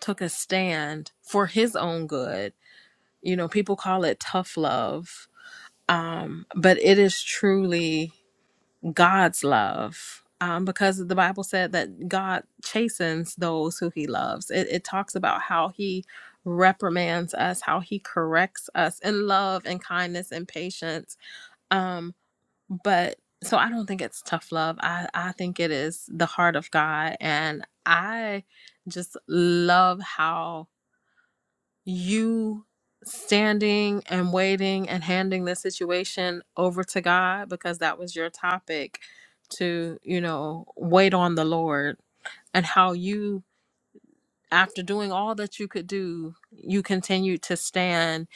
S6: took a stand for His own good You know, people call it tough love, um, but it is truly God's love. Um, because the Bible said that God chastens those who he loves. It, it talks about how he reprimands us, how he corrects us in love and kindness and patience. Um, but so I don't think it's tough love. I, I think it is the heart of God. And I just love how you standing and waiting and handing the situation over to God because that was your topic to, you know, wait on the Lord and how you after doing all that you could do, you continue to stand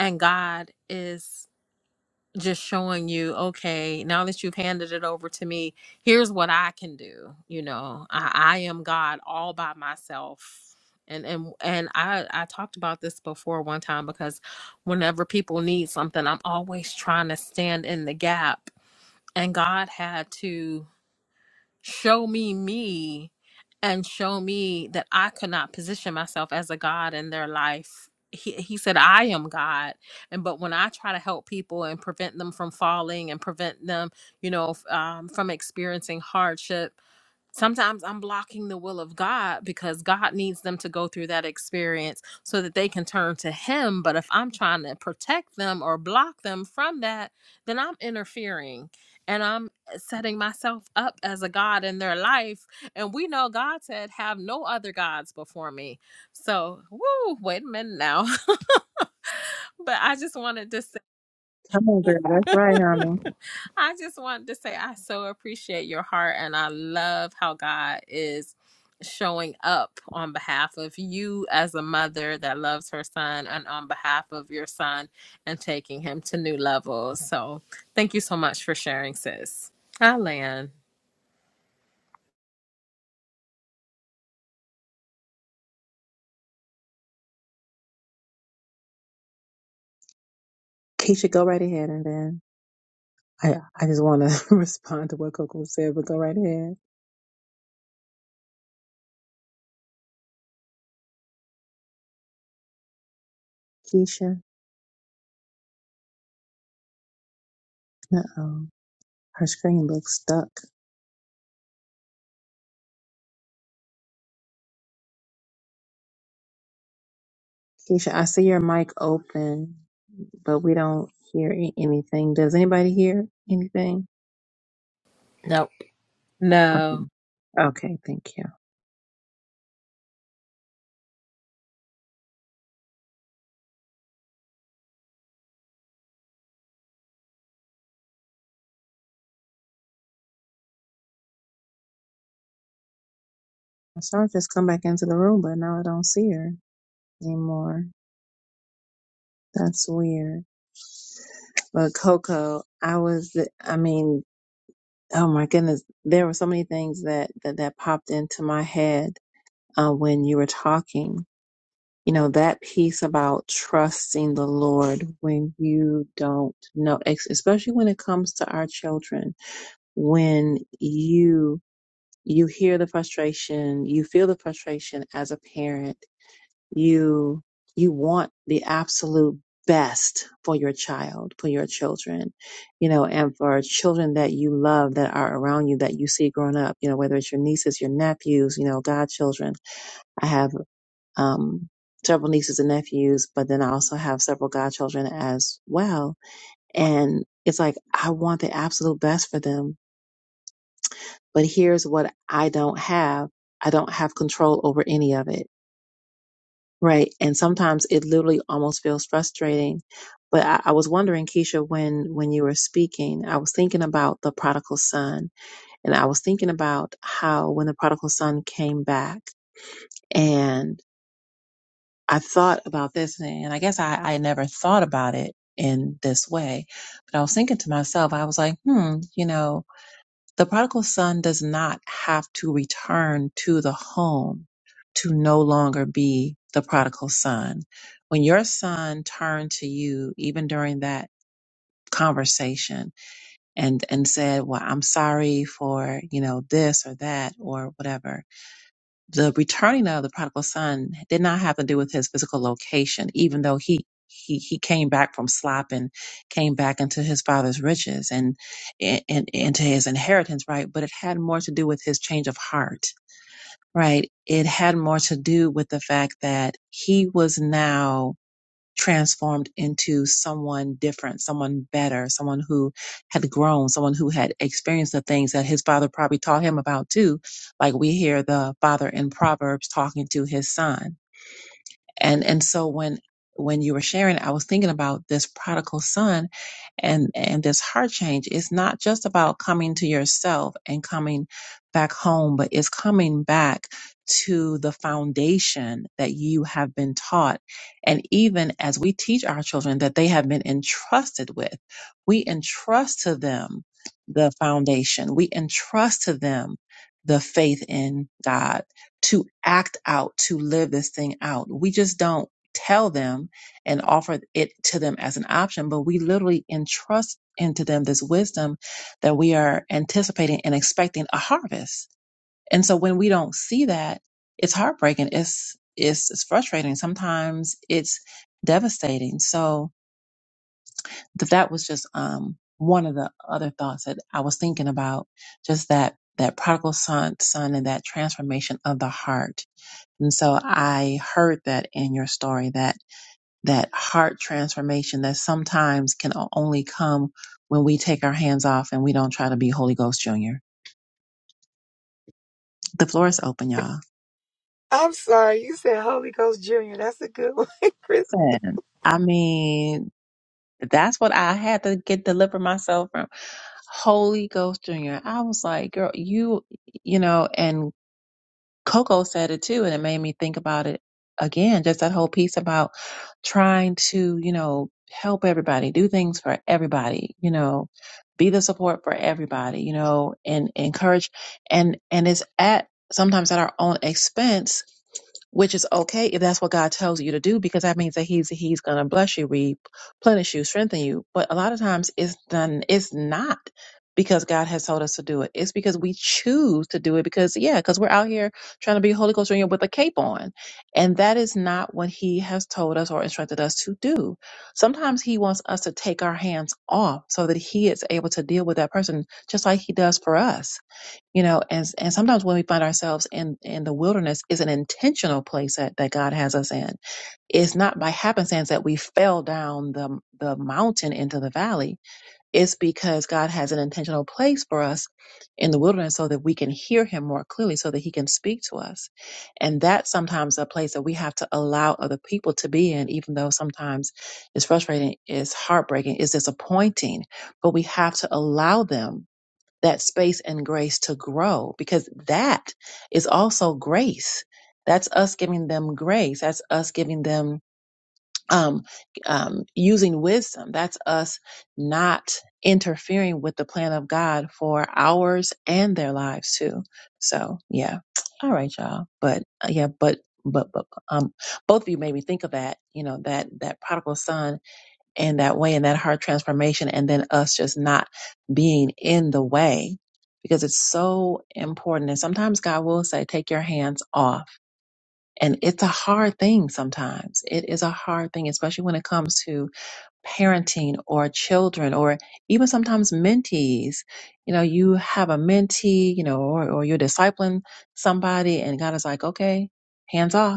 S6: and God is just showing you, okay, now that you've handed it over to me, here's what I can do. You know, I, I am God all by myself. And and and I I talked about this before one time because whenever people need something, I'm always trying to stand in the gap. And God had to show me me and show me that I could not position myself as a God in their life. He, he said, I am God. And but when I try to help people and prevent them from falling and prevent them, you know, f- um, from experiencing hardship Sometimes I'm blocking the will of God because God needs them to go through that experience so that they can turn to Him. But if I'm trying to protect them or block them from that, then I'm interfering and I'm eh, setting myself up as a God in their life. And we know God said, Have no other gods before me. So, woo, wait a minute now. but I just wanted to say.
S1: Come on, girl. That's right, honey.
S6: I just wanted to say I so appreciate your heart and I love how God is showing up on behalf of you as a mother that loves her son and on behalf of your son and taking him to new levels. So thank you so much for sharing, sis. I land.
S1: Keisha, go right ahead and then I, I just want to respond to what Coco said, but go right ahead. Keisha, uh-oh. Her screen looks stuck. Keisha, I see your mic open, but we don't hear a- anything. Does anybody hear anything?
S4: Nope.
S1: Okay.
S6: No.
S1: Okay, thank you. I saw her just come back into the room, but now I don't see her anymore. That's weird. But Coco, I was, I mean, oh my goodness, there were so many things that that, that popped into my head uh, when you were talking. You know, that piece about trusting the Lord when you don't know, ex- especially when it comes to our children, when you you hear the frustration you feel the frustration as a parent you you want the absolute best for your child for your children you know and for children that you love that are around you that you see growing up you know whether it's your nieces your nephews you know godchildren i have um several nieces and nephews but then i also have several godchildren as well and it's like i want the absolute best for them but here's what I don't have. I don't have control over any of it. Right. And sometimes it literally almost feels frustrating. But I, I was wondering, Keisha, when, when you were speaking, I was thinking about the prodigal son and I was thinking about how when the prodigal son came back and I thought about this and I guess I, I never thought about it in this way, but I was thinking to myself, I was like, hmm, you know, The prodigal son does not have to return to the home to no longer be the prodigal son. When your son turned to you, even during that conversation and, and said, well, I'm sorry for, you know, this or that or whatever, the returning of the prodigal son did not have to do with his physical location, even though he he he came back from slop and came back into his father's riches and, and and into his inheritance, right? But it had more to do with his change of heart, right? It had more to do with the fact that he was now transformed into someone different, someone better, someone who had grown, someone who had experienced the things that his father probably taught him about too. Like we hear the father in Proverbs talking to his son and and so when when you were sharing i was thinking about this prodigal son and and this heart change it's not just about coming to yourself and coming back home but it's coming back to the foundation that you have been taught and even as we teach our children that they have been entrusted with we entrust to them the foundation we entrust to them the faith in god to act out, to live this thing out. We just don't tell them and offer it to them as an option, but we literally entrust into them this wisdom that we are anticipating and expecting a harvest. And so when we don't see that, it's heartbreaking. It's, it's, it's frustrating. Sometimes it's devastating. So th- that was just, um, one of the other thoughts that I was thinking about just that, that prodigal son, son and that transformation of the heart and so I heard that in your story that that heart transformation that sometimes can o- only come when we take our hands off and we don't try to be Holy Ghost Junior. The floor is open, y'all.
S2: I'm sorry, you said Holy Ghost Junior. That's a good one, Chris.
S1: Listen, I mean, that's what I had to get deliver myself from. Holy Ghost Junior. I was like, girl, you, you know, and Coco said it too, and it made me think about it again. Just that whole piece about trying to, you know, help everybody, do things for everybody, you know, be the support for everybody, you know, and encourage, and and it's at sometimes at our own expense which is okay if that's what God tells you to do, because that means that He's He's going to bless you, replenish you, strengthen you. But a lot of times it's done. It's not because God has told us to do it. It's because we choose to do it. Because yeah, because we're out here trying to be Holy Ghost Junior with a cape on, and that is not what He has told us or instructed us to do. Sometimes He wants us to take our hands off so that He is able to deal with that person, just like He does for us you know and and sometimes when we find ourselves in in the wilderness is an intentional place that, that god has us in it's not by happenstance that we fell down the the mountain into the valley it's because god has an intentional place for us in the wilderness so that we can hear him more clearly so that he can speak to us and that's sometimes a place that we have to allow other people to be in even though sometimes it's frustrating it's heartbreaking it's disappointing but we have to allow them that space and grace to grow because that is also grace. That's us giving them grace. That's us giving them um, um, using wisdom. That's us not interfering with the plan of God for ours and their lives too. So yeah, all right, y'all. But uh, yeah, but but but um, both of you made me think of that. You know that that prodigal son in that way in that heart transformation and then us just not being in the way because it's so important and sometimes god will say take your hands off and it's a hard thing sometimes it is a hard thing especially when it comes to parenting or children or even sometimes mentees you know you have a mentee you know or, or you're discipling somebody and god is like okay hands off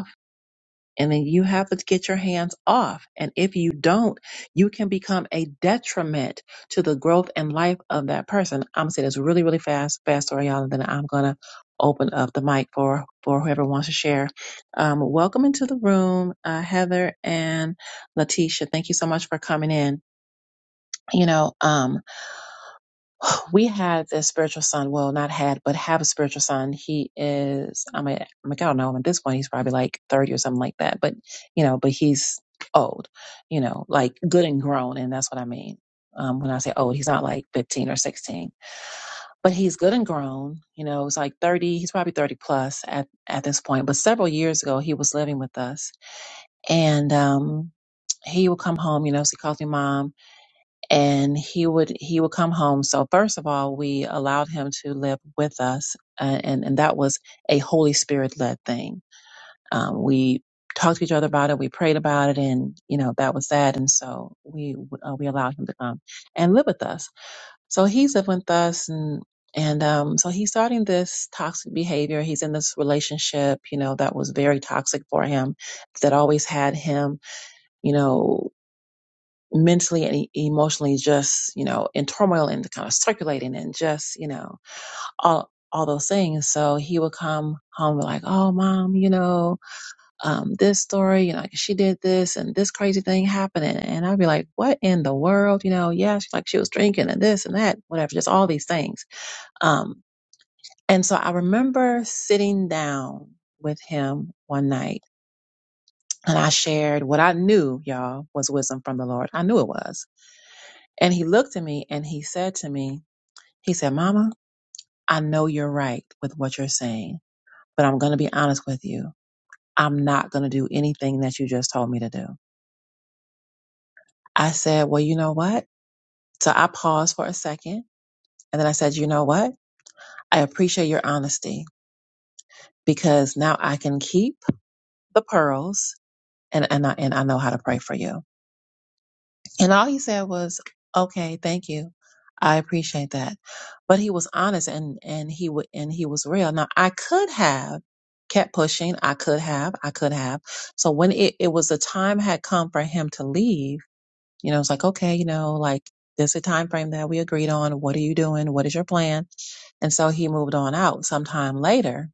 S1: and then you have to get your hands off. And if you don't, you can become a detriment to the growth and life of that person. I'm gonna say this really, really fast, fast story, y'all, and then I'm gonna open up the mic for for whoever wants to share. Um, welcome into the room, uh, Heather and Letitia. Thank you so much for coming in. You know, um, we had this spiritual son. Well, not had, but have a spiritual son. He is. I mean, I'm like, I don't know. him At this point, he's probably like 30 or something like that. But you know, but he's old. You know, like good and grown, and that's what I mean. Um, when I say old, he's not like 15 or 16, but he's good and grown. You know, it's like 30. He's probably 30 plus at at this point. But several years ago, he was living with us, and um, he would come home. You know, so he calls me mom and he would he would come home so first of all we allowed him to live with us uh, and and that was a holy spirit led thing um, we talked to each other about it we prayed about it and you know that was that and so we uh, we allowed him to come and live with us so he's living with us and and um, so he's starting this toxic behavior he's in this relationship you know that was very toxic for him that always had him you know mentally and e- emotionally just you know in turmoil and kind of circulating and just you know all all those things so he would come home like oh mom you know um this story you know like she did this and this crazy thing happened and, and i'd be like what in the world you know yeah she, like she was drinking and this and that whatever just all these things um and so i remember sitting down with him one night and i shared what i knew y'all was wisdom from the lord i knew it was And he looked at me and he said to me, he said, Mama, I know you're right with what you're saying, but I'm going to be honest with you. I'm not going to do anything that you just told me to do. I said, well, you know what? So I paused for a second and then I said, you know what? I appreciate your honesty because now I can keep the pearls and, and, I, and I know how to pray for you. And all he said was, "Okay, thank you. I appreciate that." But he was honest and and he would and he was real. Now I could have kept pushing. I could have. I could have. So when it it was the time had come for him to leave, you know, it's like, "Okay, you know, like this is a time frame that we agreed on. What are you doing? What is your plan?" And so he moved on out. Sometime later,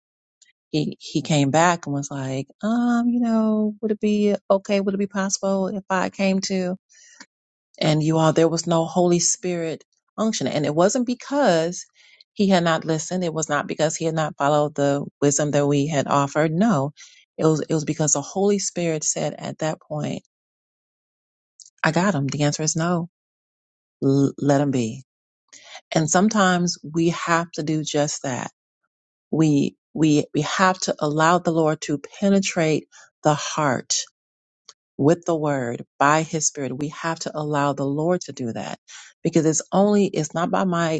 S1: he he came back and was like, "Um, you know, would it be okay? Would it be possible if I came to?" And you all, there was no Holy Spirit unction. And it wasn't because he had not listened. It was not because he had not followed the wisdom that we had offered. No, it was, it was because the Holy Spirit said at that point, I got him. The answer is no. L- let him be. And sometimes we have to do just that. We, we, we have to allow the Lord to penetrate the heart with the word by his spirit. We have to allow the Lord to do that because it's only, it's not by might.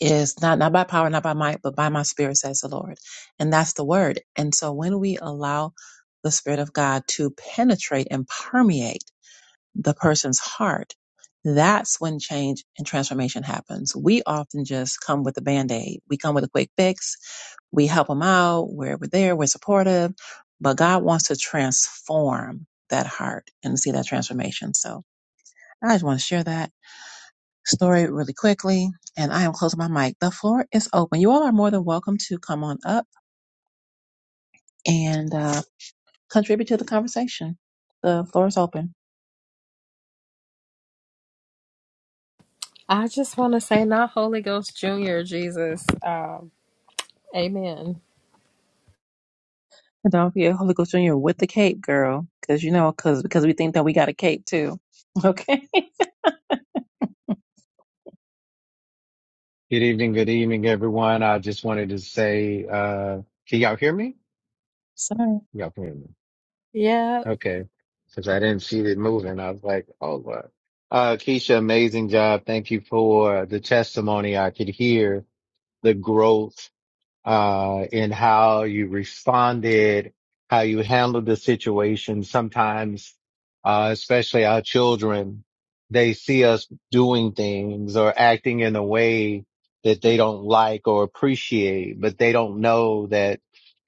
S1: is not not by power, not by might, but by my spirit, says the Lord. And that's the word. And so when we allow the Spirit of God to penetrate and permeate the person's heart, that's when change and transformation happens. We often just come with a band aid. We come with a quick fix. We help them out. We're, we're there. We're supportive. But God wants to transform that heart and see that transformation. So I just want to share that story really quickly, and I am closing my mic. The floor is open. You all are more than welcome to come on up and uh, contribute to the conversation. The floor is open.
S6: I just want to say not Holy Ghost Junior, Jesus. Um, amen.
S1: And don't be a Holy Ghost Junior with the cape, girl, because you know, because because we think that we got a cape too. Okay.
S7: Good evening, good evening, everyone. I just wanted to say, uh, can y'all hear me?
S1: Sorry.
S7: Y'all can hear me.
S6: Yeah,
S7: Okay. Since I didn't see it moving, I was like, oh, what? Uh, Keisha, amazing job. Thank you for the testimony. I could hear the growth uh, in how you responded, how you handled the situation. Sometimes, uh, especially our children, they see us doing things or acting in a way that they don't like or appreciate, but they don't know that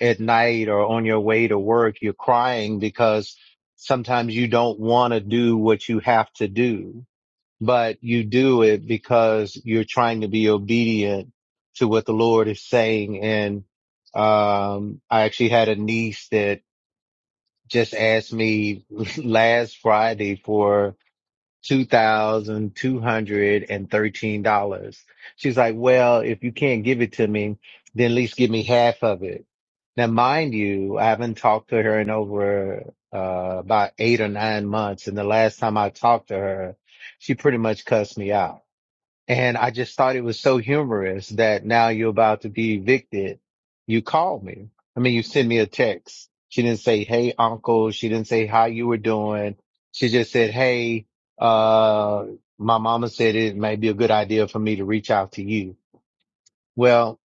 S7: at night or on your way to work, you're crying because sometimes you don't want to do what you have to do but you do it because you're trying to be obedient to what the Lord is saying. And um, I actually had a niece that just asked me last Friday for two thousand two hundred and thirteen dollars. She's like, "Well, if you can't give it to me, then at least give me half of it." Now, mind you, I haven't talked to her in over uh, about eight or nine months, and the last time I talked to her, she pretty much cussed me out and I just thought it was so humorous that now you're about to be evicted. You call me. I mean, you send me a text. She didn't say, Hey, uncle. She didn't say how you were doing. She just said, Hey, uh, my mama said it may be a good idea for me to reach out to you. Well,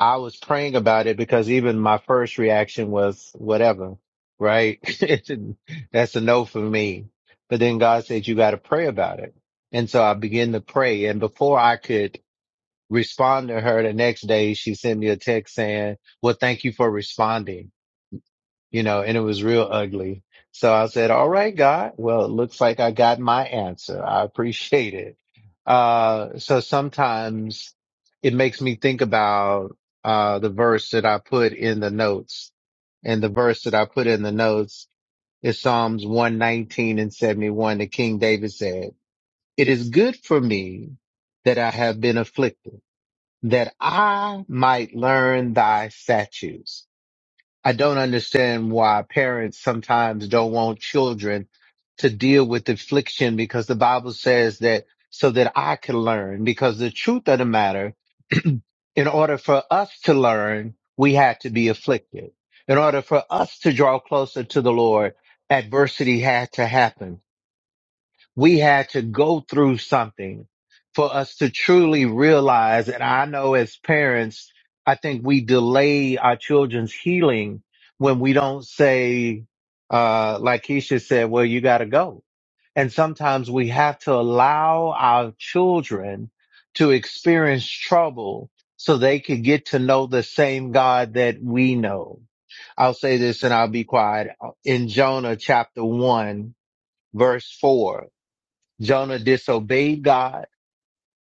S7: I was praying about it because even my first reaction was whatever, right? That's a no for me. But then God said, you got to pray about it. And so I began to pray. And before I could respond to her the next day she sent me a text saying well thank you for responding you know and it was real ugly so i said all right god well it looks like i got my answer i appreciate it uh so sometimes it makes me think about uh the verse that i put in the notes and the verse that i put in the notes is psalms 119 and 71 The king david said it is good for me that i have been afflicted that I might learn thy statutes. I don't understand why parents sometimes don't want children to deal with affliction because the Bible says that so that I can learn because the truth of the matter, in order for us to learn, we had to be afflicted. In order for us to draw closer to the Lord, adversity had to happen we had to go through something for us to truly realize. And I know as parents, I think we delay our children's healing when we don't say, uh, like Keisha said, well, you got to go. And sometimes we have to allow our children to experience trouble so they could get to know the same God that we know. I'll say this and I'll be quiet. In Jonah chapter one, verse four, Jonah disobeyed God.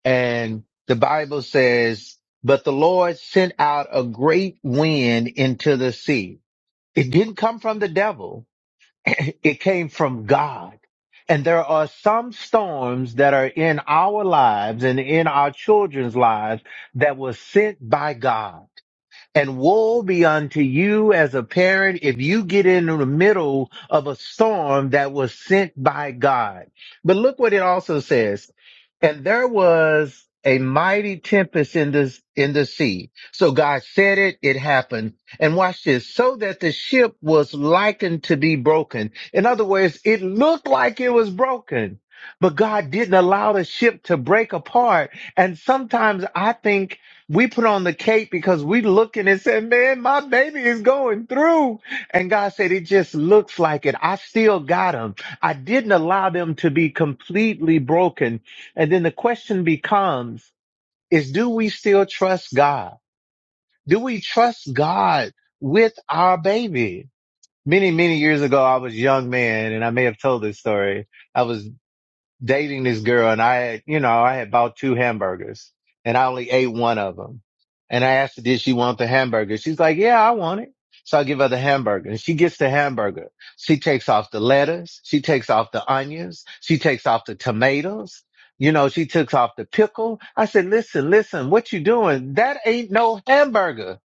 S7: And the Bible says, but the Lord sent out a great wind into the sea. It didn't come from the devil. it came from God. And there are some storms that are in our lives and in our children's lives that were sent by God. And woe be unto you as a parent if you get in the middle of a storm that was sent by God. But look what it also says. And there was a mighty tempest in the, in the sea. So God said it, it happened. And watch this. So that the ship was likened to be broken. In other words, it looked like it was broken, but God didn't allow the ship to break apart. And sometimes I think we put on the cape because we looking and said, man, my baby is going through. And God said, it just looks like it. I still got them. I didn't allow them to be completely broken. And then the question becomes is do we still trust God? Do we trust God with our baby? Many, many years ago, I was a young man and I may have told this story. I was dating this girl and I had, you know, I had bought two hamburgers and I only ate one of them. And I asked her, did she want the hamburger? She's like, yeah, I want it. So I give her the hamburger and she gets the hamburger. She takes off the lettuce. She takes off the onions. She takes off the tomatoes. You know, she took off the pickle. I said, listen, listen, what you doing? That ain't no hamburger.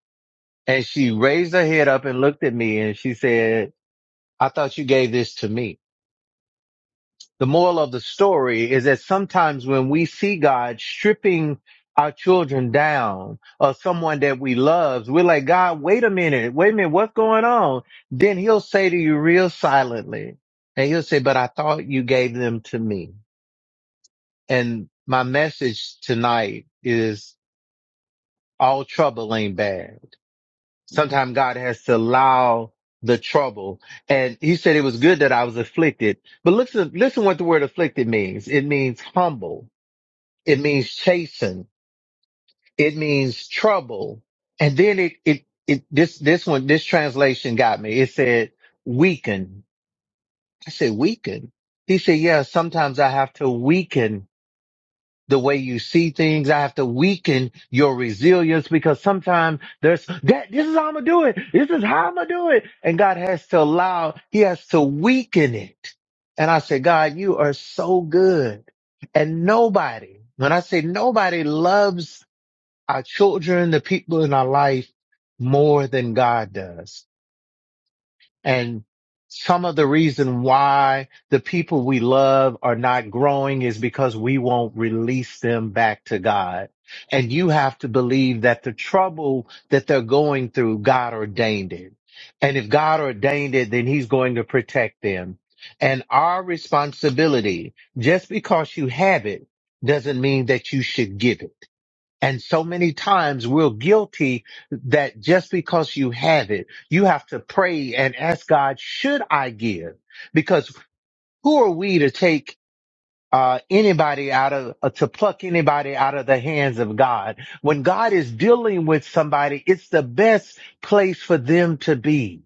S7: And she raised her head up and looked at me and she said, I thought you gave this to me the moral of the story is that sometimes when we see God stripping our children down or someone that we love, we're like, God, wait a minute, wait a minute, what's going on? Then he'll say to you real silently, and he'll say, But I thought you gave them to me. And my message tonight is all trouble ain't bad. Sometimes God has to allow the trouble. And he said it was good that I was afflicted. But listen, listen what the word afflicted means. It means humble. It means chasing. It means trouble. And then it, it, it, this, this one, this translation got me. It said weaken. I said weaken. He said, yeah, sometimes I have to weaken the way you see things. I have to weaken your resilience because sometimes there's that. This is how I'm going to do it. This is how I'm going to do it. And God has to allow, he has to weaken it. And I said, God, you are so good. And nobody, when I say nobody loves our children, the people in our life more than God does. And some of the reason why the people we love are not growing is because we won't release them back to God. And you have to believe that the trouble that they're going through, God ordained it. And if God ordained it, then he's going to protect them. And our responsibility, just because you have it doesn't mean that you should give it and so many times we're guilty that just because you have it, you have to pray and ask God, should I give? Because who are we to take uh, anybody out of, uh, to pluck anybody out of the hands of God? When God is dealing with somebody, it's the best place for them to be.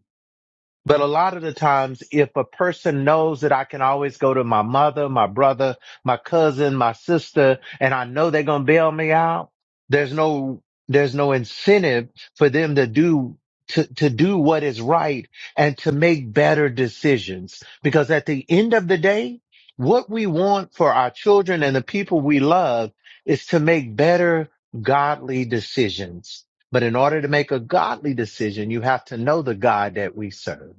S7: But a lot of the times, if a person knows that I can always go to my mother, my brother, my cousin, my sister, and I know they're going to bail me out, there's no, there's no incentive for them to do, to, to do what is right and to make better decisions. Because at the end of the day, what we want for our children and the people we love is to make better, godly decisions but in order to make a godly decision, you have to know the God that we serve.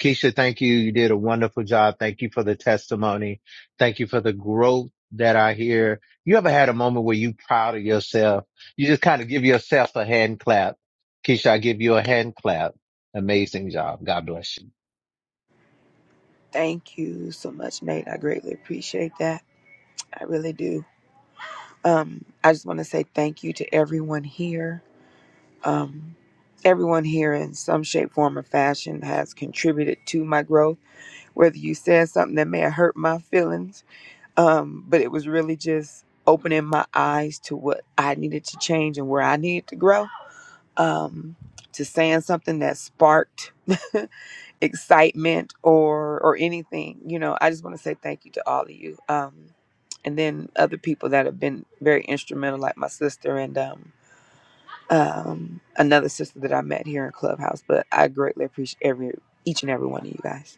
S7: Keisha, thank you. You did a wonderful job. Thank you for the testimony. Thank you for the growth that I hear. You ever had a moment where you proud of yourself? You just kind of give yourself a hand clap. Keisha, I give you a hand clap. Amazing job. God bless you.
S2: Thank you so much, Nate. I greatly appreciate that. I really do. Um, I just want to say thank you to everyone here. Um, everyone here in some shape, form, or fashion has contributed to my growth. Whether you said something that may have hurt my feelings, um, but it was really just opening my eyes to what I needed to change and where I needed to grow. Um, to saying something that sparked excitement or or anything you know i just want to say thank you to all of you um and then other people that have been very instrumental like my sister and um um another sister that i met here in clubhouse but i greatly appreciate every each and every one of you guys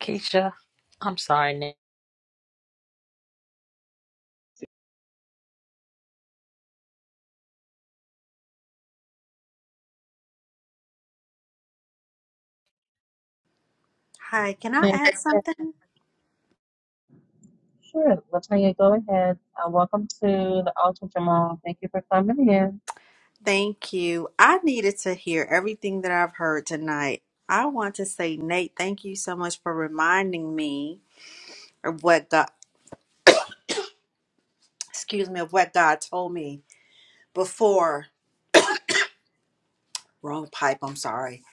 S4: Keisha, I'm sorry, Nick.
S8: Hi, can I
S1: Nick,
S8: add
S1: okay.
S8: something?
S1: Sure, Latonya, go ahead. Uh, welcome to the altar, Jamal. Thank you for coming in.
S8: Thank you. I needed to hear everything that I've heard tonight. I want to say, Nate, thank you so much for reminding me of what God, excuse me, of what God told me before. Wrong pipe, I'm sorry.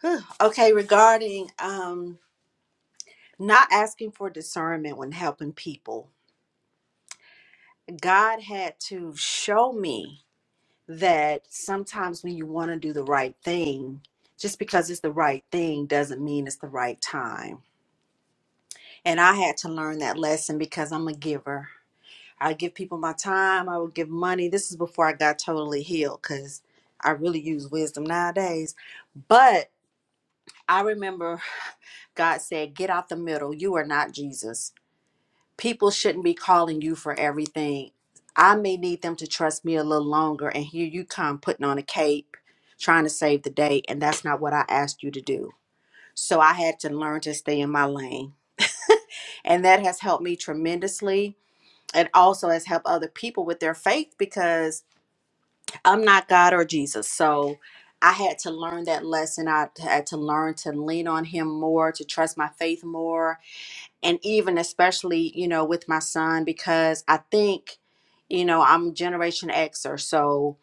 S8: Whew. Okay, regarding um not asking for discernment when helping people. God had to show me that sometimes when you want to do the right thing, just because it's the right thing doesn't mean it's the right time And I had to learn that lesson because I'm a giver. I give people my time, I would give money. This is before I got totally healed because I really use wisdom nowadays. But I remember God said, Get out the middle. You are not Jesus. People shouldn't be calling you for everything. I may need them to trust me a little longer. And here you come putting on a cape, trying to save the day. And that's not what I asked you to do. So I had to learn to stay in my lane. And that has helped me tremendously and also has helped other people with their faith because I'm not God or Jesus. So I had to learn that lesson. I had to learn to lean on him more, to trust my faith more, and even especially, you know, with my son because I think, you know, I'm Generation Xer. So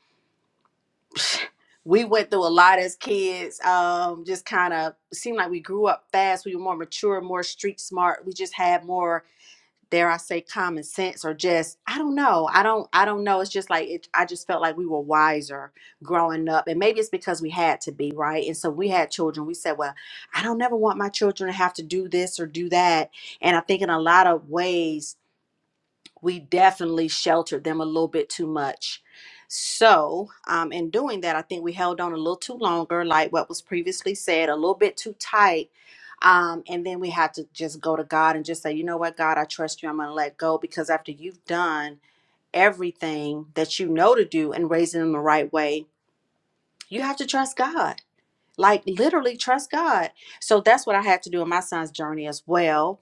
S8: we went through a lot as kids. Um, just kind of seemed like we grew up fast. We were more mature, more street smart. We just had more dare I say common sense or just I don't know. I don't I don't know. It's just like it, I just felt like we were wiser growing up and maybe it's because we had to be, right? And so we had children. We said, well, I don't never want my children to have to do this or do that. And I think in a lot of ways we definitely sheltered them a little bit too much. So, um, in doing that, I think we held on a little too longer, like what was previously said, a little bit too tight. Um, and then we had to just go to God and just say, you know what, God, I trust you. I'm going to let go because after you've done everything that you know to do and raising them the right way, you have to trust God like literally trust God. So that's what I had to do in my son's journey as well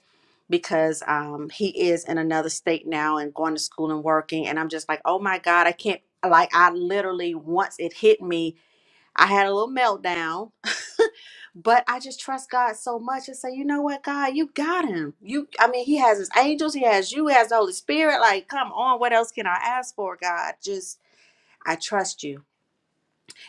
S8: because um he is in another state now and going to school and working and I'm just like, "Oh my God, I can't like I literally once it hit me, I had a little meltdown, but I just trust God so much and say, "You know what, God, you got him. You I mean, he has his angels, he has you, he has the Holy Spirit. Like, come on, what else can I ask for, God? Just I trust you."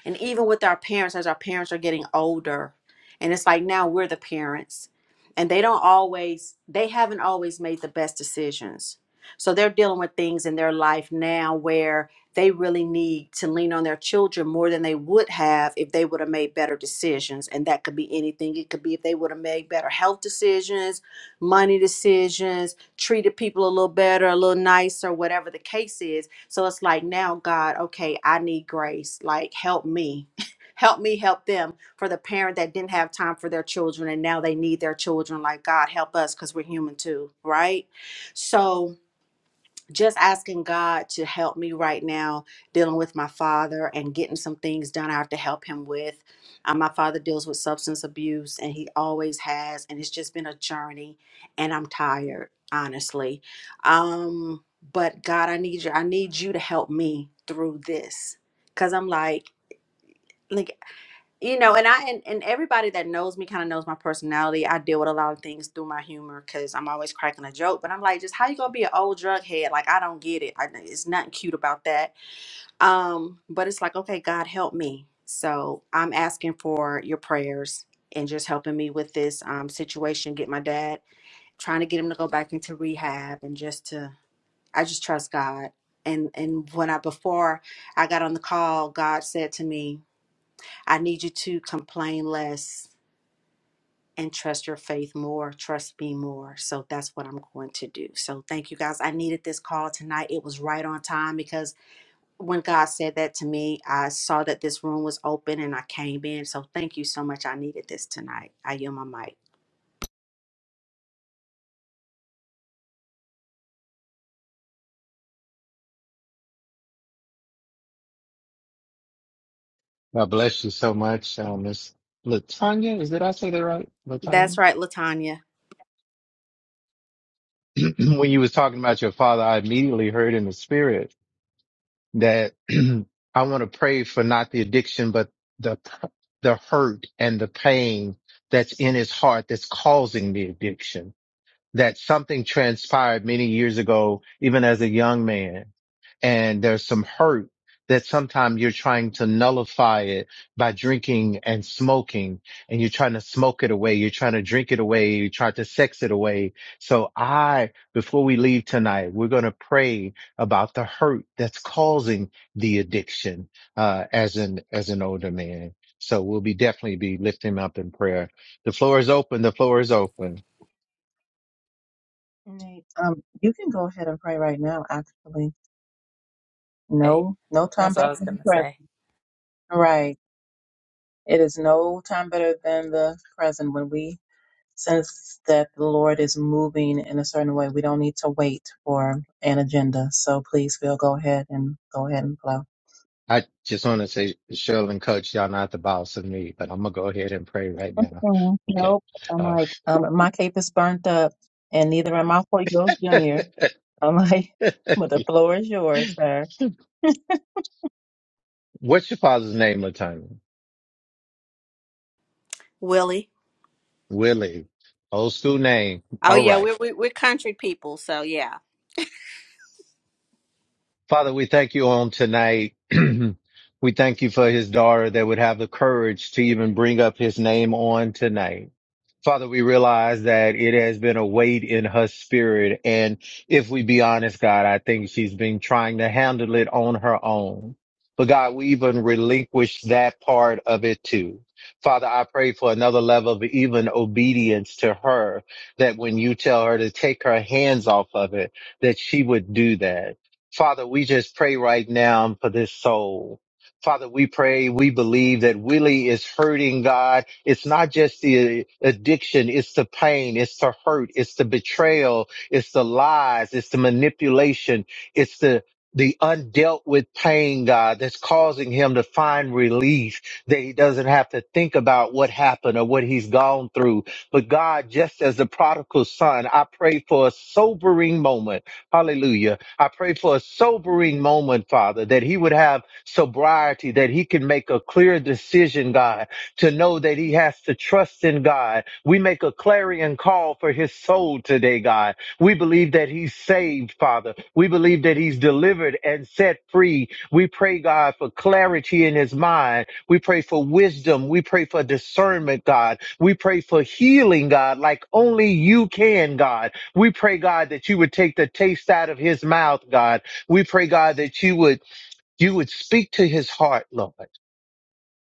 S8: And even with our parents, as our parents are getting older, and it's like now we're the parents, and they don't always, they haven't always made the best decisions. So they're dealing with things in their life now where they really need to lean on their children more than they would have if they would have made better decisions. And that could be anything. It could be if they would have made better health decisions, money decisions, treated people a little better, a little nicer, whatever the case is so it's like now, God, okay, I need grace. Like, help me. help me help them for the parent that didn't have time for their children and now they need their children. Like, God, help us because we're human too, right? So just asking God to help me right now dealing with my father and getting some things done I have to help him with. Um, my father deals with substance abuse and he always has, and it's just been a journey and I'm tired, honestly. Um, but God, I need you, I need you to help me through this. Cause I'm like, like you know and i and, and everybody that knows me kind of knows my personality i deal with a lot of things through my humor because i'm always cracking a joke but i'm like just how you gonna be an old drug head like i don't get it I, it's nothing cute about that um but it's like okay god help me so i'm asking for your prayers and just helping me with this um, situation get my dad trying to get him to go back into rehab and just to i just trust god and and when i before i got on the call god said to me I need you to complain less and trust your faith more, trust me more. So that's what I'm going to do. So thank you guys. I needed this call tonight. It was right on time because when God said that to me, I saw that this room was open and I came in. So thank you so much. I needed this tonight. I yield my mic.
S7: God bless you so much, uh, Miss Latanya. Is did I say that right, Latanya?
S8: That's right, Latanya.
S7: when you was talking about your father, I immediately heard in the spirit that I want to pray for not the addiction, but the, the hurt and the pain that's in his heart that's causing the addiction. That something transpired many years ago, even as a young man and there's some hurt that sometimes you're trying to nullify it by drinking and smoking and you're trying to smoke it away. You're trying to drink it away. You try to sex it away. So I, before we leave tonight, we're going to pray about the hurt that's causing the addiction, uh, as an, as an older man. So we'll be definitely be lifting him up in prayer. The floor is open. The floor is open.
S1: Nate, um, you can go ahead and pray right now, actually. No, no time
S4: That's all
S1: better
S4: I was
S1: than
S4: going to
S1: the present.
S4: say.
S1: Right. It is no time better than the present. When we sense that the Lord is moving in a certain way, we don't need to wait for an agenda. So please, Phil, go ahead and go ahead and flow.
S7: I just want to say, Cheryl and Coach, y'all not the boss of me, but I'm gonna go ahead and pray right now.
S1: Mm,
S7: Okay.
S1: Nope. I'm
S7: Uh,
S1: like, um, my cape is burnt up and neither am I Holy Ghost Junior. I'm like, but the floor is yours, sir.
S7: what's your father's name, Latanya?
S8: Willie.
S7: Willie. Old school name.
S8: Oh
S7: All
S8: yeah,
S7: right.
S8: we're we, we're country people. So yeah,
S7: Father, we thank you on tonight. we thank you for his daughter that would have the courage to even bring up his name on tonight. Father, we realize that it has been a weight in her spirit. And if we be honest, God, I think she's been trying to handle it on her own. But God, we even relinquish that part of it too. Father, I pray for another level of even obedience to her that when you tell her to take her hands off of it, that she would do that. Father, we just pray right now for this soul. Father, we pray, we believe that Willie is hurting God it's not just the addiction. It's the pain. It's the hurt. It's the betrayal. It's the lies. It's the manipulation. It's the, the undealt with pain, God, that's causing him to find relief that he doesn't have to think about what happened or what he's gone through. But God, just as the prodigal son, I pray for a sobering moment. Hallelujah. I pray for a sobering moment, Father, that he would have sobriety, that he can make a clear decision, God, to know that he has to trust in God. We make a clarion call for his soul today, God. We believe that he's saved, Father. We believe that he's delivered and set free. We pray, God, for clarity in his mind. We pray for wisdom. We pray for discernment, God. We pray for healing, God, like only you can, God. We pray, God, that you would take the taste out of his mouth, God. We pray, God, that you would you would speak to his heart, Lord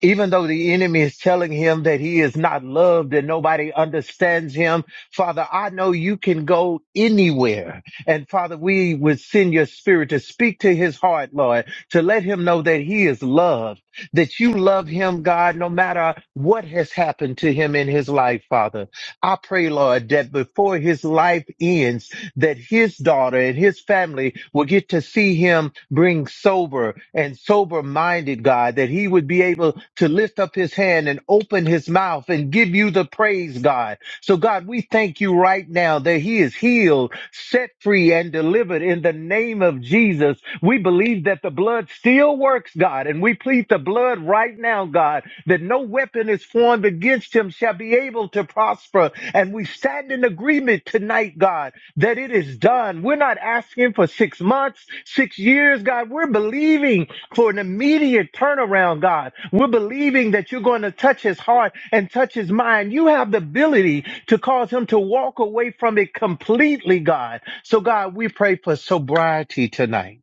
S7: even though the enemy is telling him that he is not loved and nobody understands him, Father, I know you can go anywhere. And Father, we would send your spirit to speak to his heart, Lord, to let him know that he is loved, that you love him, God, no matter what has happened to him in his life, Father. I pray, Lord, that before his life ends, that his daughter and his family will get to see him bring sober and sober minded, God, that he would be able to lift up his hand and open his mouth and give you the praise, God. So, God, we thank you right now that he is healed, set free, and delivered in the name of Jesus. We believe that the blood still works, God, and we plead the blood right now, God, that no weapon is formed against him shall be able to prosper. And we stand in agreement tonight, God, that it is done. We're not asking for six months, six years, God. We're believing for an immediate turnaround, God. We're believing that you're going to touch his heart and touch his mind. You have the ability to cause him to walk away from it completely, God. So, God, we pray for sobriety tonight.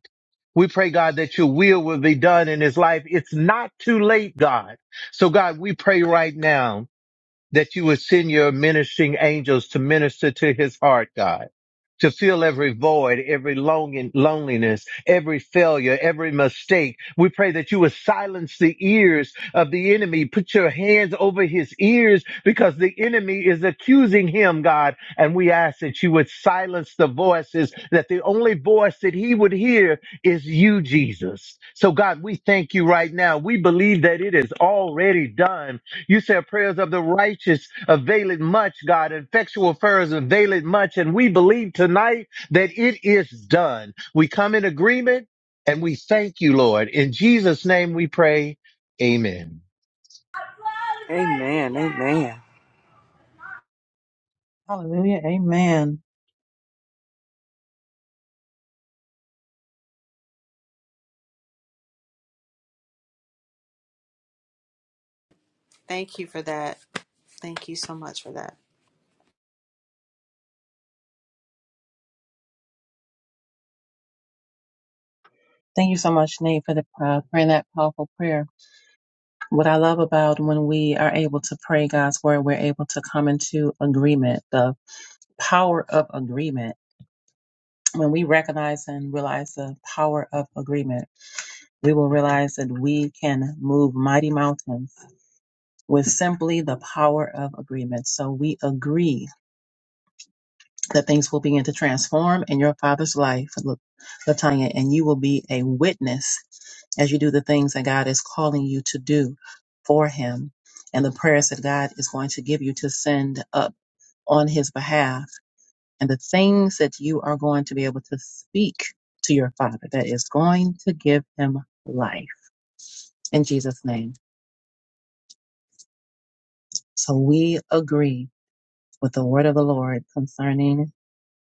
S7: We pray, God, that your will will be done in his life. It's not too late, God. So, God, we pray right now that you would send your ministering angels to minister to his heart, God, to fill every void, every longing, loneliness, every failure, every mistake. We pray that you would silence the ears of the enemy. Put your hands over his ears because the enemy is accusing him, God. And we ask that you would silence the voices, that the only voice that he would hear is you, Jesus. So God, we thank you right now. We believe that it is already done you said prayers of the righteous availeth much, God. Effectual prayers availeth much. And we believe tonight that it is done. We come in agreement and we thank you, Lord. In Jesus' name we pray. Amen.
S2: amen amen
S1: Hallelujah. Amen.
S8: thank you for that. Thank you so much for that.
S1: Thank you so much, Nate, for the uh, praying that powerful prayer. What I love about when we are able to pray God's word, we're able to come into agreement, the power of agreement. When we recognize and realize the power of agreement, we will realize that we can move mighty mountains with simply the power of agreement. So we agree that things will begin to transform in your father's life, La- Latanya, and you will be a witness as you do the things that God is calling you to do for him and the prayers that God is going to give you to send up on his behalf and the things that you are going to be able to speak to your father that is going to give him life in Jesus' name. So we agree with the word of the Lord concerning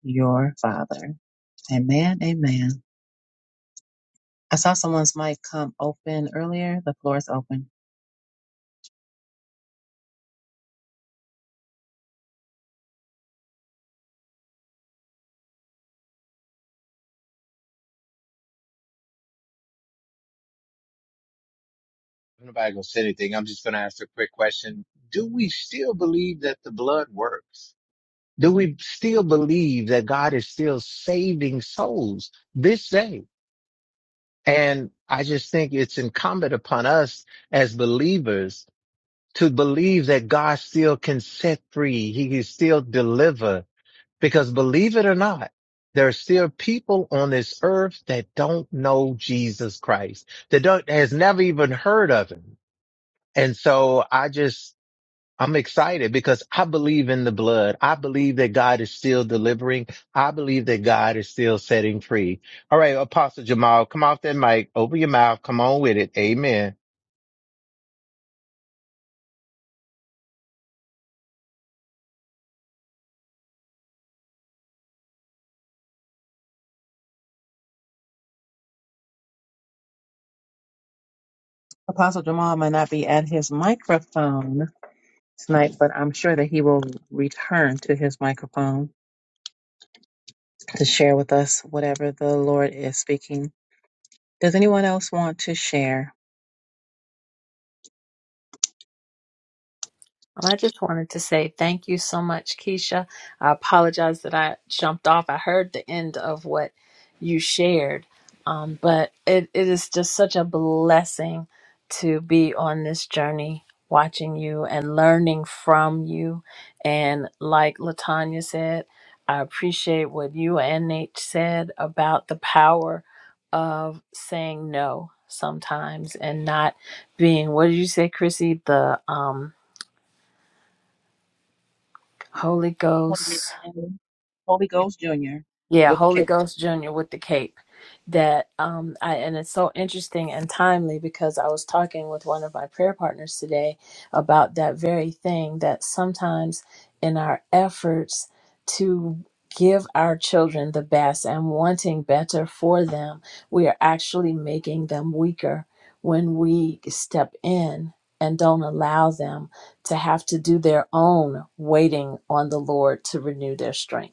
S1: your father. Amen. Amen. I saw someone's mic come open earlier. The floor is open.
S7: I'm Nobody gonna say anything. I'm just gonna ask a quick question. Do we still believe that the blood works? Do we still believe that God is still saving souls this day? And I just think it's incumbent upon us as believers to believe that God still can set free. He can still deliver because believe it or not, there are still people on this earth that don't know Jesus Christ, that don't, has never even heard of him. And so I just, I'm excited because I believe in the blood. I believe that God is still delivering. I believe that God is still setting free. All right, Apostle Jamal, come off that mic, open your mouth, come on with it. Amen.
S1: Apostle Jamal might not be at his microphone tonight, but I'm sure that he will return to his microphone to share with us whatever the Lord is speaking. Does anyone else want to share?
S4: Well, I just wanted to say thank you so much, Keisha. I apologize that I jumped off. I heard the end of what you shared, um, but it, it is just such a blessing to be on this journey, watching you and learning from you. And like Latanya said, I appreciate what you and Nate said about the power of saying no sometimes and not being, what did you say, Chrissy? The um, Holy
S1: Holy
S4: Ghost.
S1: Holy Ghost Jr.
S4: Yeah,
S1: with the
S4: Holy
S1: K.
S4: Ghost Jr. with the cape. That um I and it's so interesting and timely because I was talking with one of my prayer partners today about that very thing that sometimes in our efforts to give our children the best and wanting better for them, we are actually making them weaker when we step in and don't allow them to have to do their own waiting on the Lord to renew their strength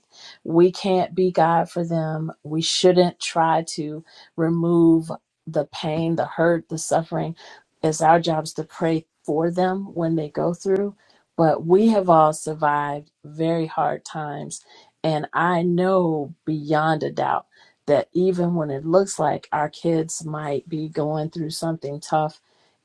S4: we can't be God for them. We shouldn't try to remove the pain, the hurt, the suffering. It's our jobs to pray for them when they go through. But we have all survived very hard times. And I know beyond a doubt that even when it looks like our kids might be going through something tough,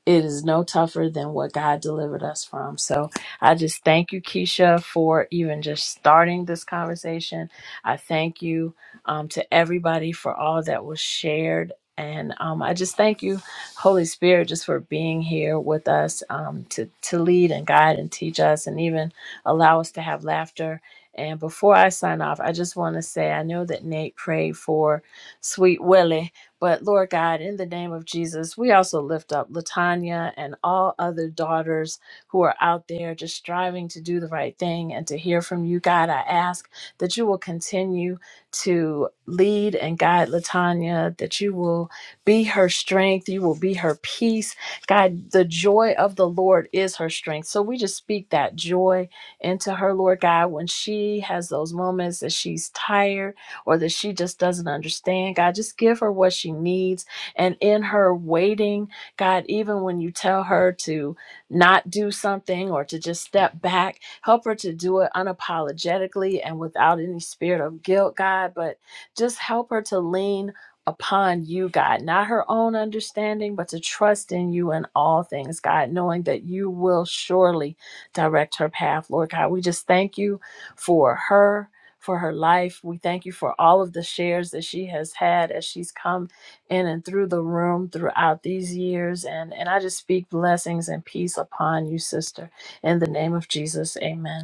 S4: it is no tougher than what God delivered us from. So I just thank you, Keisha, for even just starting this conversation I thank you um, to everybody for all that was shared. And um, I just thank you, Holy Spirit, just for being here with us um, to, to lead and guide and teach us and even allow us to have laughter. And before I sign off, I just want to say I know that Nate prayed for sweet Willie, but Lord God, in the name of Jesus, we also lift up Latanya and all other daughters who are out there just striving to do the right thing and to hear from you, God. I ask that you will continue to lead and guide Latanya, that you will be her strength, you will be her peace. God, the joy of the Lord is her strength. So we just speak that joy into her, Lord God, when she has those moments that she's tired or that she just doesn't understand. God, just give her what she needs. And in her waiting, God, even when you tell her to, not do something or to just step back. Help her to do it unapologetically and without any spirit of guilt, God, but just help her to lean upon you, God, not her own understanding, but to trust in you in all things, God, knowing that you will surely direct her path, Lord God. We just thank you for her. For her life. We thank you for all of the shares that she has had as she's come in and through the room throughout these years. And, and I just speak blessings and peace upon you, sister. In the name of Jesus, amen.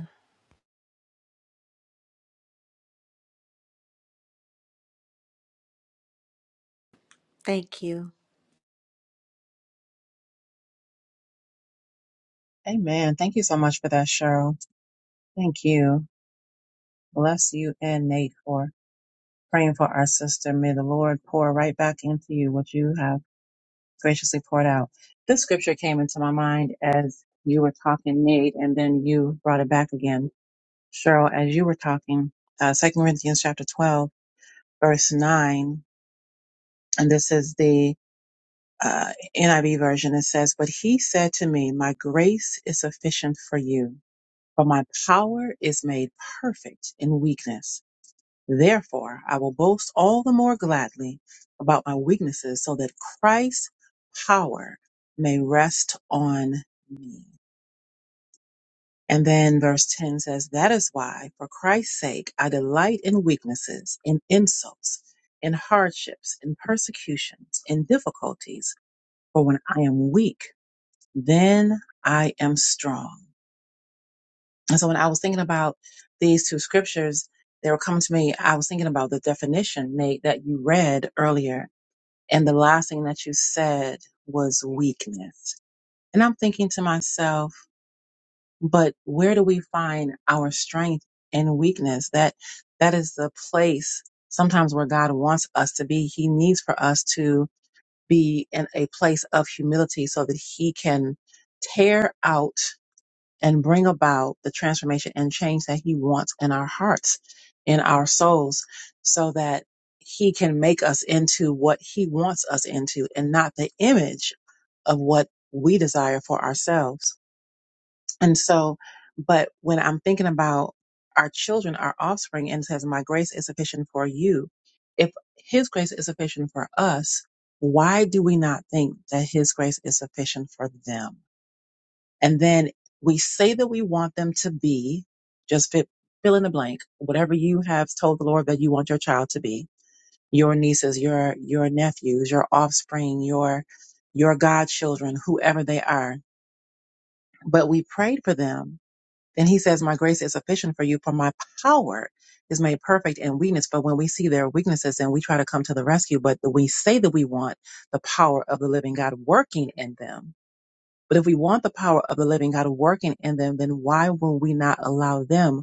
S8: Thank you.
S1: Amen. Thank you so much for that, Cheryl. Thank you. Bless you and Nate for praying for our sister. May the Lord pour right back into you what you have graciously poured out. This scripture came into my mind as you were talking, Nate, and then you brought it back again. Cheryl, as you were talking, uh, 2 Corinthians chapter 12, verse 9, and this is the uh, NIV version. It says, But he said to me, My grace is sufficient for you, for my power is made perfect in weakness. Therefore, I will boast all the more gladly about my weaknesses so that Christ's power may rest on me. And then verse 10 says, That is why, for Christ's sake, I delight in weaknesses, in insults, in hardships, in persecutions, in difficulties. For when I am weak, then I am strong. And so when I was thinking about these two scriptures, they were coming to me. I was thinking about the definition, Nate, that you read earlier. And the last thing that you said was weakness. And I'm thinking to myself, but where do we find our strength and weakness? That, that is the place sometimes where God wants us to be. He needs for us to be in a place of humility so that he can tear out and bring about the transformation and change that he wants in our hearts, in our souls, so that he can make us into what he wants us into and not the image of what we desire for ourselves. And so, but when I'm thinking about our children, our offspring, and it says, My grace is sufficient for you. If his grace is sufficient for us, why do we not think that his grace is sufficient for them? And then we say that we want them to be just fit, fill in the blank, whatever you have told the Lord that you want your child to be, your nieces, your, your nephews, your offspring, your, your godchildren, whoever they are. But we prayed for them. Then he says, my grace is sufficient for you for my power is made perfect in weakness. But when we see their weaknesses and we try to come to the rescue, but we say that we want the power of the living God working in them but if we want the power of the living God working in them, then why will we not allow them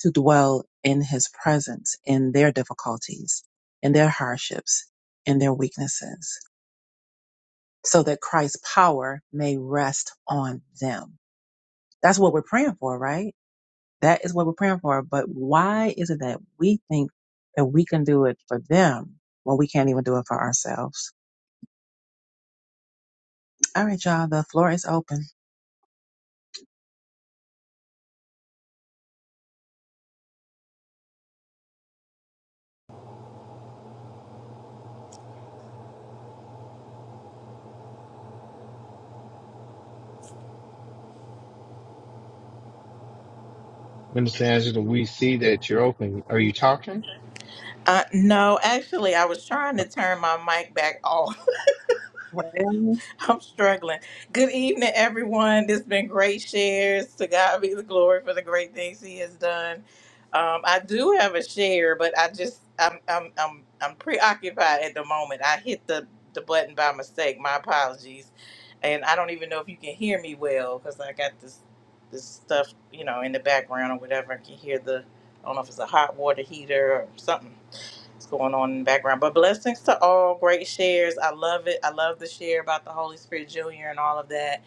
S1: to dwell in his presence, in their difficulties, in their hardships, in their weaknesses, so that Christ's power may rest on them? That's what we're praying for, right? That is what we're praying for. But why is it that we think that we can do it for them when we can't even do it for ourselves? All right, y'all, the floor is open.
S7: Minister Angela, we see that you're open. Are you talking?
S9: Uh, no, actually, I was trying to turn my mic back off. I'm struggling. Good evening, everyone. This has been great shares. To God be the glory for the great things He has done. Um, I do have a share, but I just I'm I'm I'm I'm preoccupied at the moment. I hit the the button by mistake. My apologies, and I don't even know if you can hear me well because I got this this stuff you know in the background or whatever. I can hear the I don't know if it's a hot water heater or something what's going on in the background. But blessings to all great shares. I love it. I love the share about the Holy Spirit Junior and all of that.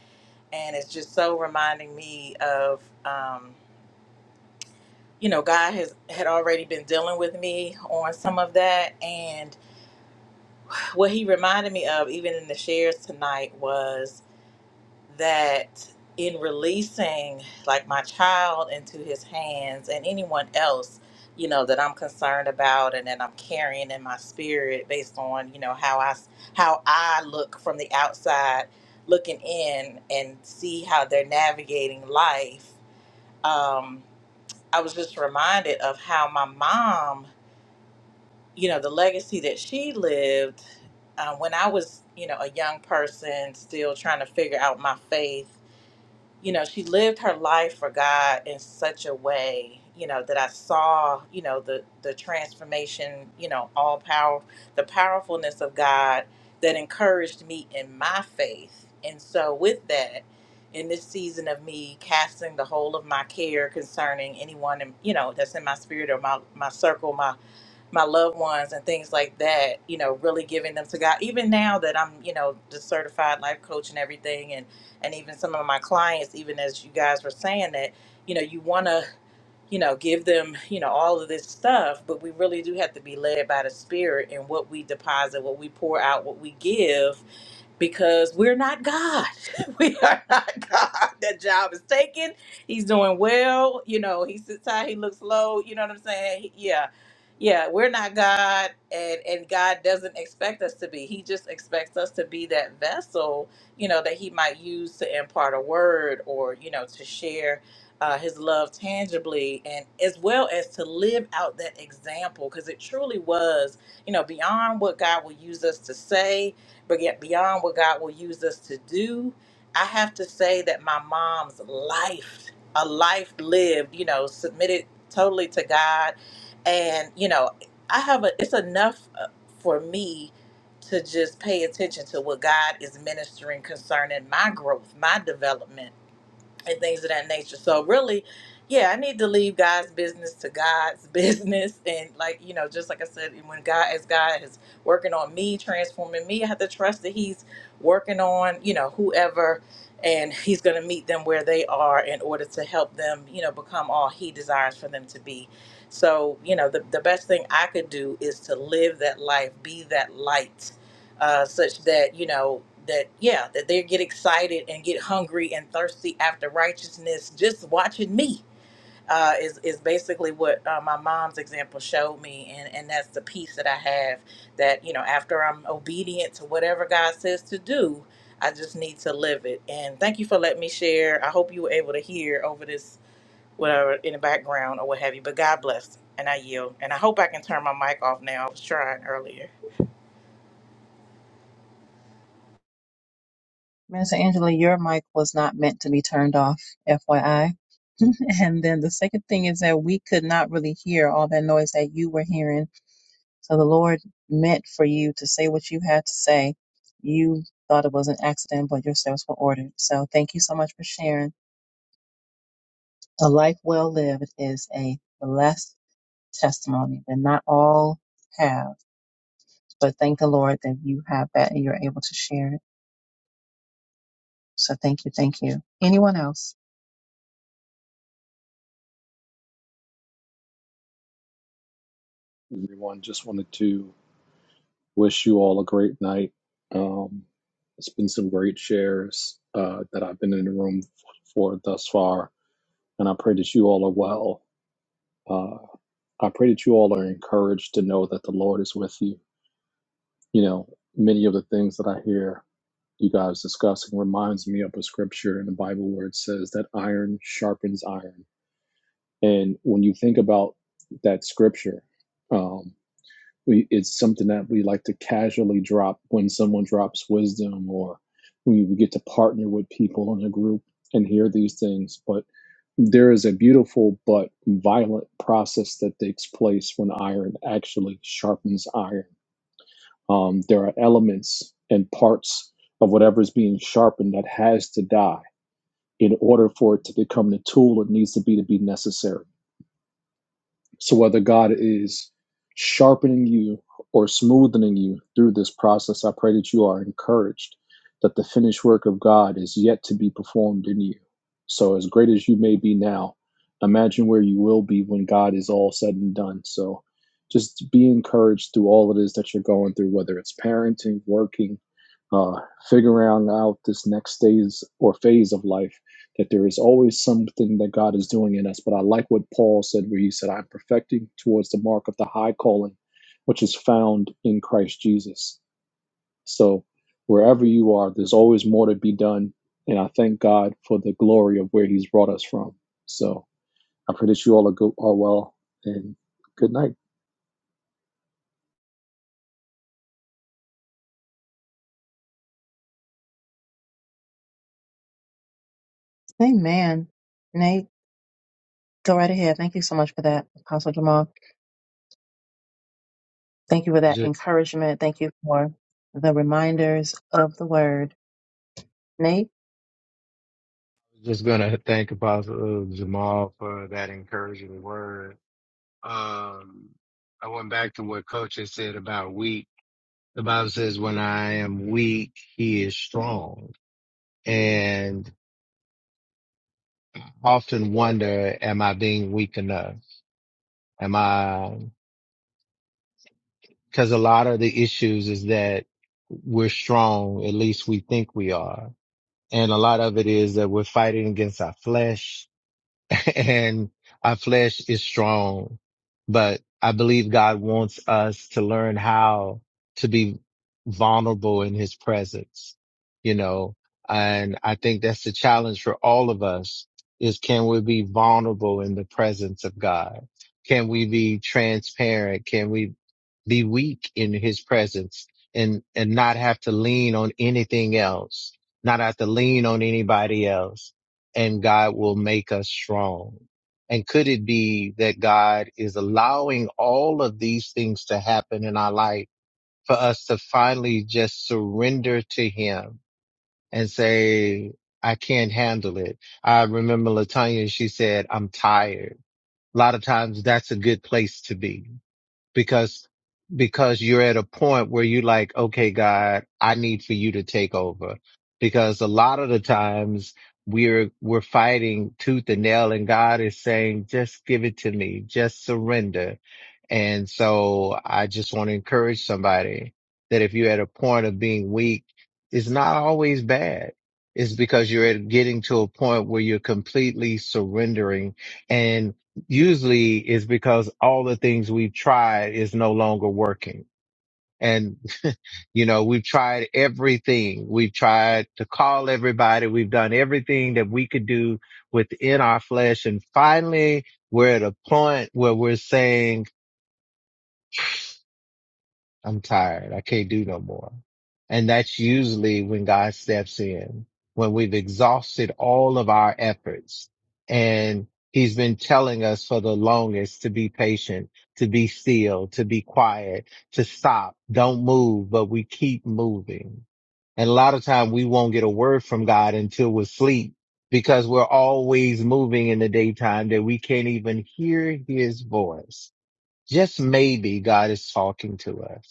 S9: And it's just so reminding me of, um, you know, God has had already been dealing with me on some of that. And what He reminded me of, even in the shares tonight, was that in releasing like my child into his hands and anyone else you know that i'm concerned about and that i'm carrying in my spirit based on you know how i s- how i look from the outside looking in and see how they're navigating life um i was just reminded of how my mom you know the legacy that she lived um, when i was you know a young person still trying to figure out my faith you know, she lived her life for God in such a way, you know, that I saw, you know, the the transformation, you know, all power, the powerfulness of God that encouraged me in my faith. And so with that, in this season of me casting the whole of my care concerning anyone, in, you know, that's in my spirit or my my circle, my my loved ones and things like that, you know, really giving them to God. Even now that I'm, you know, the certified life coach and everything and and even some of my clients, even as you guys were saying that, you know, you wanna, you know, give them, you know, all of this stuff, but we really do have to be led by the spirit and what we deposit, what we pour out, what we give because we're not God. we are not God. That job is taken. He's doing well. You know, he sits high, he looks low. You know what I'm saying? He- yeah. Yeah, we're not God and and God doesn't expect us to be. He just expects us to be that vessel, you know, that he might use to impart a word or, you know, to share uh, his love tangibly and as well as to live out that example because it truly was you know beyond what god will use us to say but yet beyond what God will use us to do. I have to say that my mom's life, a life lived, you know, submitted totally to God, and you know, I have a. It's enough uh, for me to just pay attention to what God is ministering concerning my growth, my development and things of that nature. So really, yeah, I need to leave God's business to God's business, and like you know, just like I said, when God as God is working on me, transforming me, I have to trust that He's working on you know whoever, and He's going to meet them where they are in order to help them you know become all He desires for them to be. So you know, the the best thing I could do is to live that life, be that light uh, such that you know that yeah that they get excited and get hungry and thirsty after righteousness just watching me uh, is is basically what uh, my mom's example showed me and and that's the peace that I have that you know after I'm obedient to whatever God says to do I just need to live it and thank you for letting me share I hope you were able to hear over this whatever in the background or what have you but God bless and I yield and I hope I can turn my mic off now I was trying earlier
S1: Minister Angela, your mic was not meant to be turned off, FYI. And then the second thing is that we could not really hear all that noise that you were hearing. So the Lord meant for you to say what you had to say. You thought it was an accident, but your steps were ordered. So thank you so much for sharing. A life well lived is a blessed testimony that not all have, but thank the Lord that you have that and you're able to share it. So thank you. Thank you. Anyone else?
S10: everyone. Just wanted to wish you all a great night. Um, it's been some great shares uh, that I've been in the room for thus far, and I pray that you all are well. Uh, I pray that you all are encouraged to know that the Lord is with you. You know, many of the things that I hear you guys discussing reminds me of a scripture in the Bible where it says that iron sharpens iron. And when you think about that scripture, um, we it's something that we like to casually drop when someone drops wisdom or we, we get to partner with people in a group and hear these things but there is a beautiful but violent process that takes place when iron actually sharpens iron um, there are elements and parts of whatever is being sharpened that has to die in order for it to become the tool it needs to be to be necessary so whether God is sharpening you or smoothening you through this process, I pray that you are encouraged that the finished work of God is yet to be performed in you. So as great as you may be now, imagine where you will be when God is all said and done. So just be encouraged through all it is that you're going through, whether it's parenting, working, uh, figuring out this next phase or phase of life that there is always something that God is doing in us. But I like what Paul said, where he said, I'm perfecting towards the mark of the high calling, which is found in Christ Jesus. So wherever you are, there's always more to be done. And I thank God for the glory of where he's brought us from. So I pray that you all are, go- are well and good night.
S1: Amen. Nate? Go right ahead. Thank you so much for that, Apostle Jamal. Thank you for
S7: I was
S1: that
S7: just, I
S1: encouragement. Thank you for the reminders of the word. Nate?
S7: was just gonna thank Apostle uh, Jamal for that encouraging word. Um, I went back to what Coach had said about weak. The Bible says, "When I am weak, He is strong." And I often wonder, am I being weak enough? Am I? Cause a lot of the issues is that we're strong. At least we think we are. And a lot of it is that we're fighting against our flesh. and our flesh is strong, but I believe God wants us to learn how to be vulnerable in his presence, you know, and I think that's the challenge for all of us is can we be vulnerable in the presence of God? Can we be transparent? Can we be weak in his presence and, and not have to lean on anything else, not have to lean on anybody else? and God will make us strong. And could it be that God is allowing all of these things to happen in our life for us to finally just surrender to him and say, I can't handle it. I remember Latanya, she said, I'm tired. A lot of times that's a good place to be because because you're at a point where you like, okay, God, I need for you to take over. Because a lot of the times we're we're fighting tooth and nail and God is saying, just give it to me, just surrender. And so I just want to encourage somebody that if you're at a point of being weak, it's not always bad. It's because you're at getting to a point where you're completely surrendering and usually is because all the things we've tried is no longer working. And, you know, we've tried everything. We've tried to call everybody. We've done everything that we could do within our flesh. And finally, we're at a point where we're saying, I'm tired. I can't do no more. And that's usually when God steps in, when we've exhausted all of our efforts. And he's been telling us for the longest to be patient, to be still, to be quiet, to stop, don't move, but we keep moving. And a lot of time we won't get a word from God until we're asleep because we're always moving in the daytime that we can't even hear his voice. Just maybe God is talking to us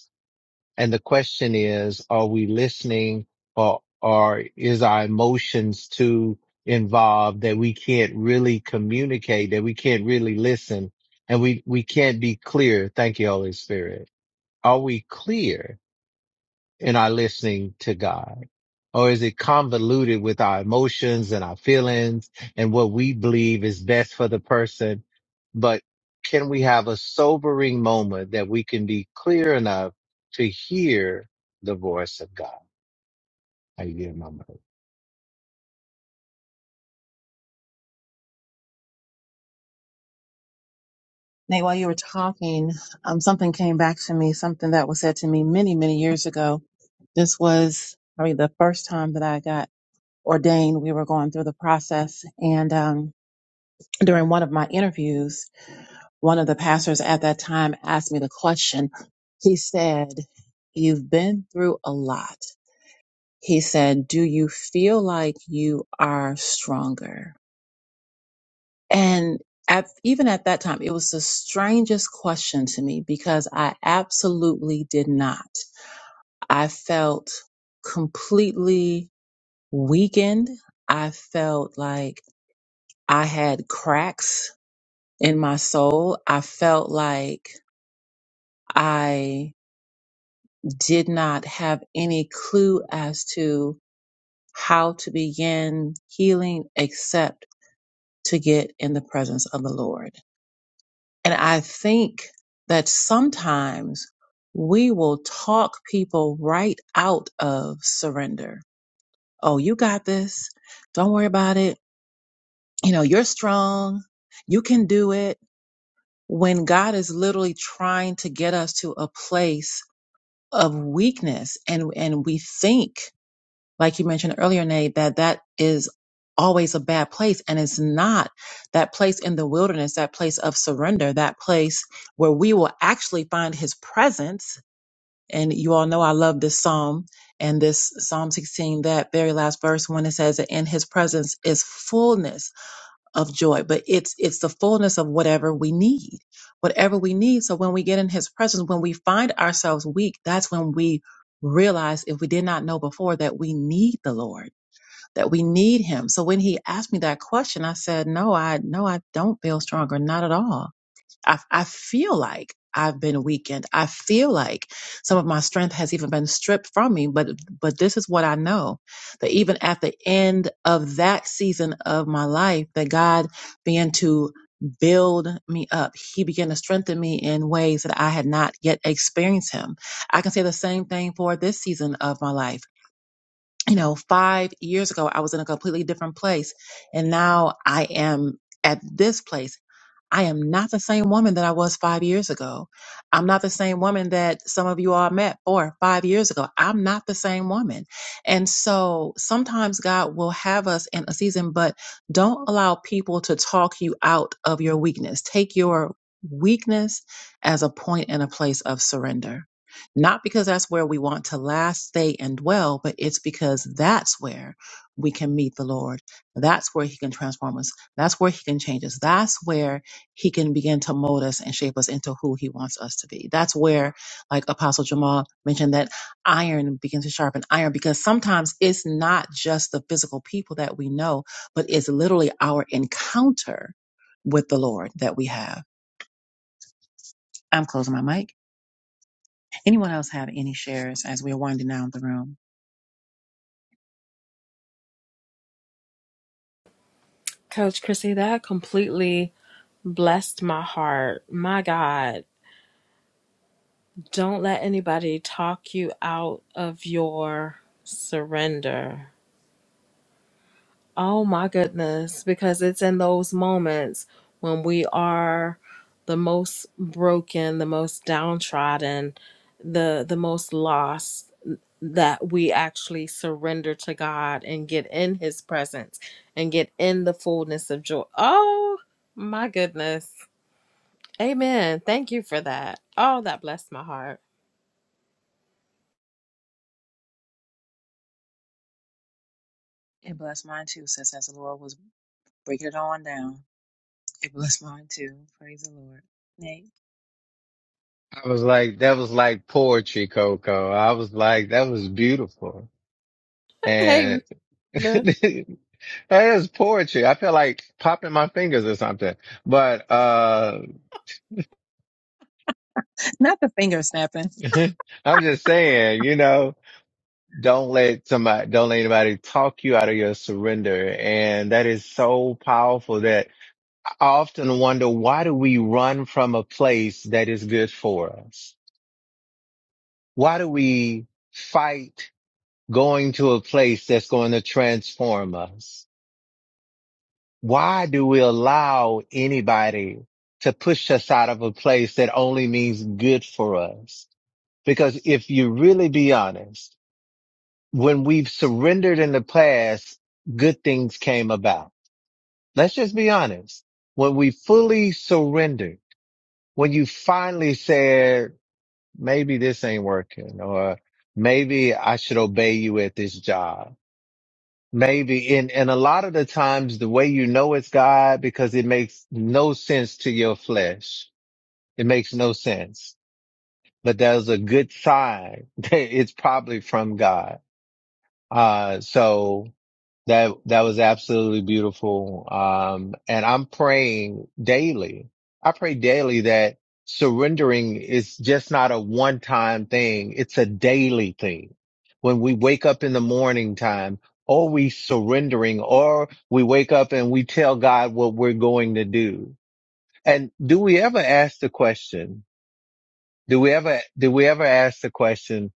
S7: and the question is, are we listening or, or is our emotions too involved that we can't really communicate, that we can't really listen and we, we can't be clear. Thank you, Holy Spirit. Are we clear in our listening to God? or is it convoluted with our emotions and our feelings and what we believe is best for the person? But can we have a sobering moment that we can be clear enough to hear the voice of God? I yield my mic.
S1: Nate, while you were talking, um, something came back to me, something that was said to me many, many years ago. This was probably the first time that I got ordained. We were going through the process. And um, during one of my interviews, one of the pastors at that time asked me the question. He said, You've been through a lot. He said, Do you feel like you are stronger? And at, even at that time, it was the strangest question to me because I absolutely did not. I felt completely weakened. I felt like I had cracks in my soul. I felt like I did not have any clue as to how to begin healing except to get in the presence of the Lord. And I think that sometimes we will talk people right out of surrender. Oh, you got this. Don't worry about it. You know, you're strong. You can do it. When God is literally trying to get us to a place of weakness and and we think like you mentioned earlier, Nate, that that is always a bad place. And it's not that place in the wilderness, that place of surrender, that place where we will actually find his presence. And you all know I love this psalm and this Psalm 16, that very last verse when it says that in his presence is fullness of joy, but it's, it's the fullness of whatever we need, whatever we need. So when we get in his presence, when we find ourselves weak, that's when we realize if we did not know before that we need the Lord that we need him. So when he asked me that question, I said, no, I, no, I don't feel stronger. Not at all. I, I feel like I've been weakened. I feel like some of my strength has even been stripped from me. But, but this is what I know that even at the end of that season of my life, that God began to build me up. He began to strengthen me in ways that I had not yet experienced him. I can say the same thing for this season of my life you know, five years ago, I was in a completely different place. And now I am at this place. I am not the same woman that I was five years ago. I'm not the same woman that some of you all met four, or five years ago. I'm not the same woman. And so sometimes God will have us in a season, but don't allow people to talk you out of your weakness. Take your weakness as a point and a place of surrender. Not because that's where we want to last, stay, and dwell, but it's because that's where we can meet the Lord. That's where He can transform us. That's where He can change us. That's where he can begin to mold us and shape us into who he wants us to be. That's where, like Apostle Jamal mentioned, that iron begins to sharpen iron because sometimes it's not just the physical people that we know, but it's literally our encounter with the Lord that we have. I'm closing my mic. Anyone else have any shares as we're winding down the room?
S6: Coach Chrissy, that completely blessed my heart. My God. Don't let anybody talk you out of your surrender. Oh my goodness, because it's in those moments when we are the most broken, the most downtrodden, the the most lost that we actually surrender to God and get in his presence and get in the fullness of joy. Oh my goodness. Amen. Thank you for that. Oh, that blessed my heart.
S1: It blessed mine too, says as the Lord was breaking it on down. It blessed mine too. Praise the Lord. Nate.
S7: I was like, that was like poetry, Coco. I was like, that was beautiful. And
S6: Amen.
S7: that is poetry. I feel like popping my fingers or something, but, uh,
S1: Not the finger snapping.
S7: I'm just saying, you know, Don't let somebody, don't let anybody talk you out of your surrender. And that is so powerful that I often wonder, why do we run from a place that is good for us? Why do we fight going to a place that's going to transform us? Why do we allow anybody to push us out of a place that only means good for us? Because if you really be honest, when we've surrendered in the past, good things came about. Let's just be honest. When we fully surrendered, when you finally said, maybe this ain't working or maybe I should obey you at this job. Maybe, and, and a lot of the times the way you know it's God because it makes no sense to your flesh. It makes no sense, but there's a good sign that it's probably from God. Uh, so That that was absolutely beautiful. Um, and I'm praying daily. I pray daily that surrendering is just not a one time thing. It's a daily thing. When we wake up in the morning time, are we surrendering or we wake up and we tell God what we're going to do? And do we ever ask the question? Do we ever, do we ever ask the question,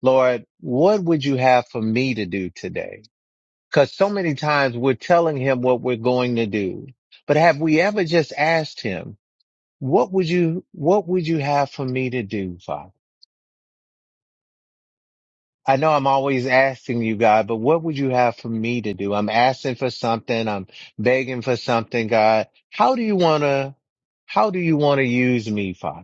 S7: Lord, what would you have for me to do today? Because so many times we're telling him what we're going to do. But have we ever just asked him, what would you, what would you have for me to do, Father? I know I'm always asking you, God, but what would you have for me to do? I'm asking for something. I'm begging for something, God. How do you want to, how do you want to use me, Father?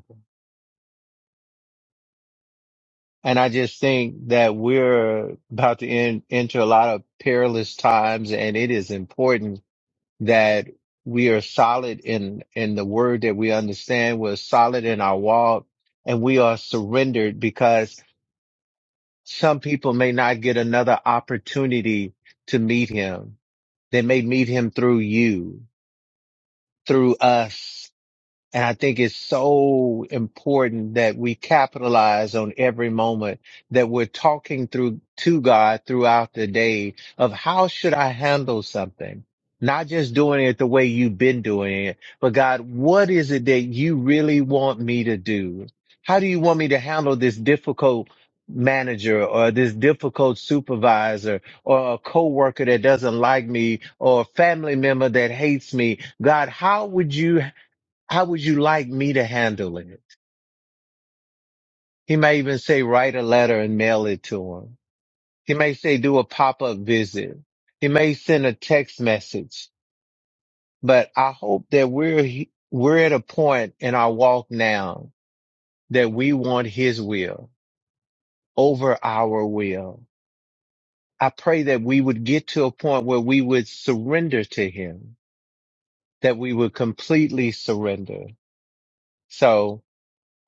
S7: And I just think that we're about to en- enter a lot of perilous times and it is important that we are solid in in the word that we understand we're solid in our walk and we are surrendered because some people may not get another opportunity to meet him they may meet him through you through us and I think it's so important that we capitalize on every moment that we're talking through to God throughout the day of how should I handle something? Not just doing it the way you've been doing it, but God, what is it that you really want me to do? How do you want me to handle this difficult manager or this difficult supervisor or a coworker that doesn't like me or a family member that hates me? God, how would you how would you like me to handle it? He may even say write a letter and mail it to him. He may say do a pop-up visit. He may send a text message, but I hope that we're, we're at a point in our walk now that we want his will over our will. I pray that we would get to a point where we would surrender to him, that we would completely surrender. So.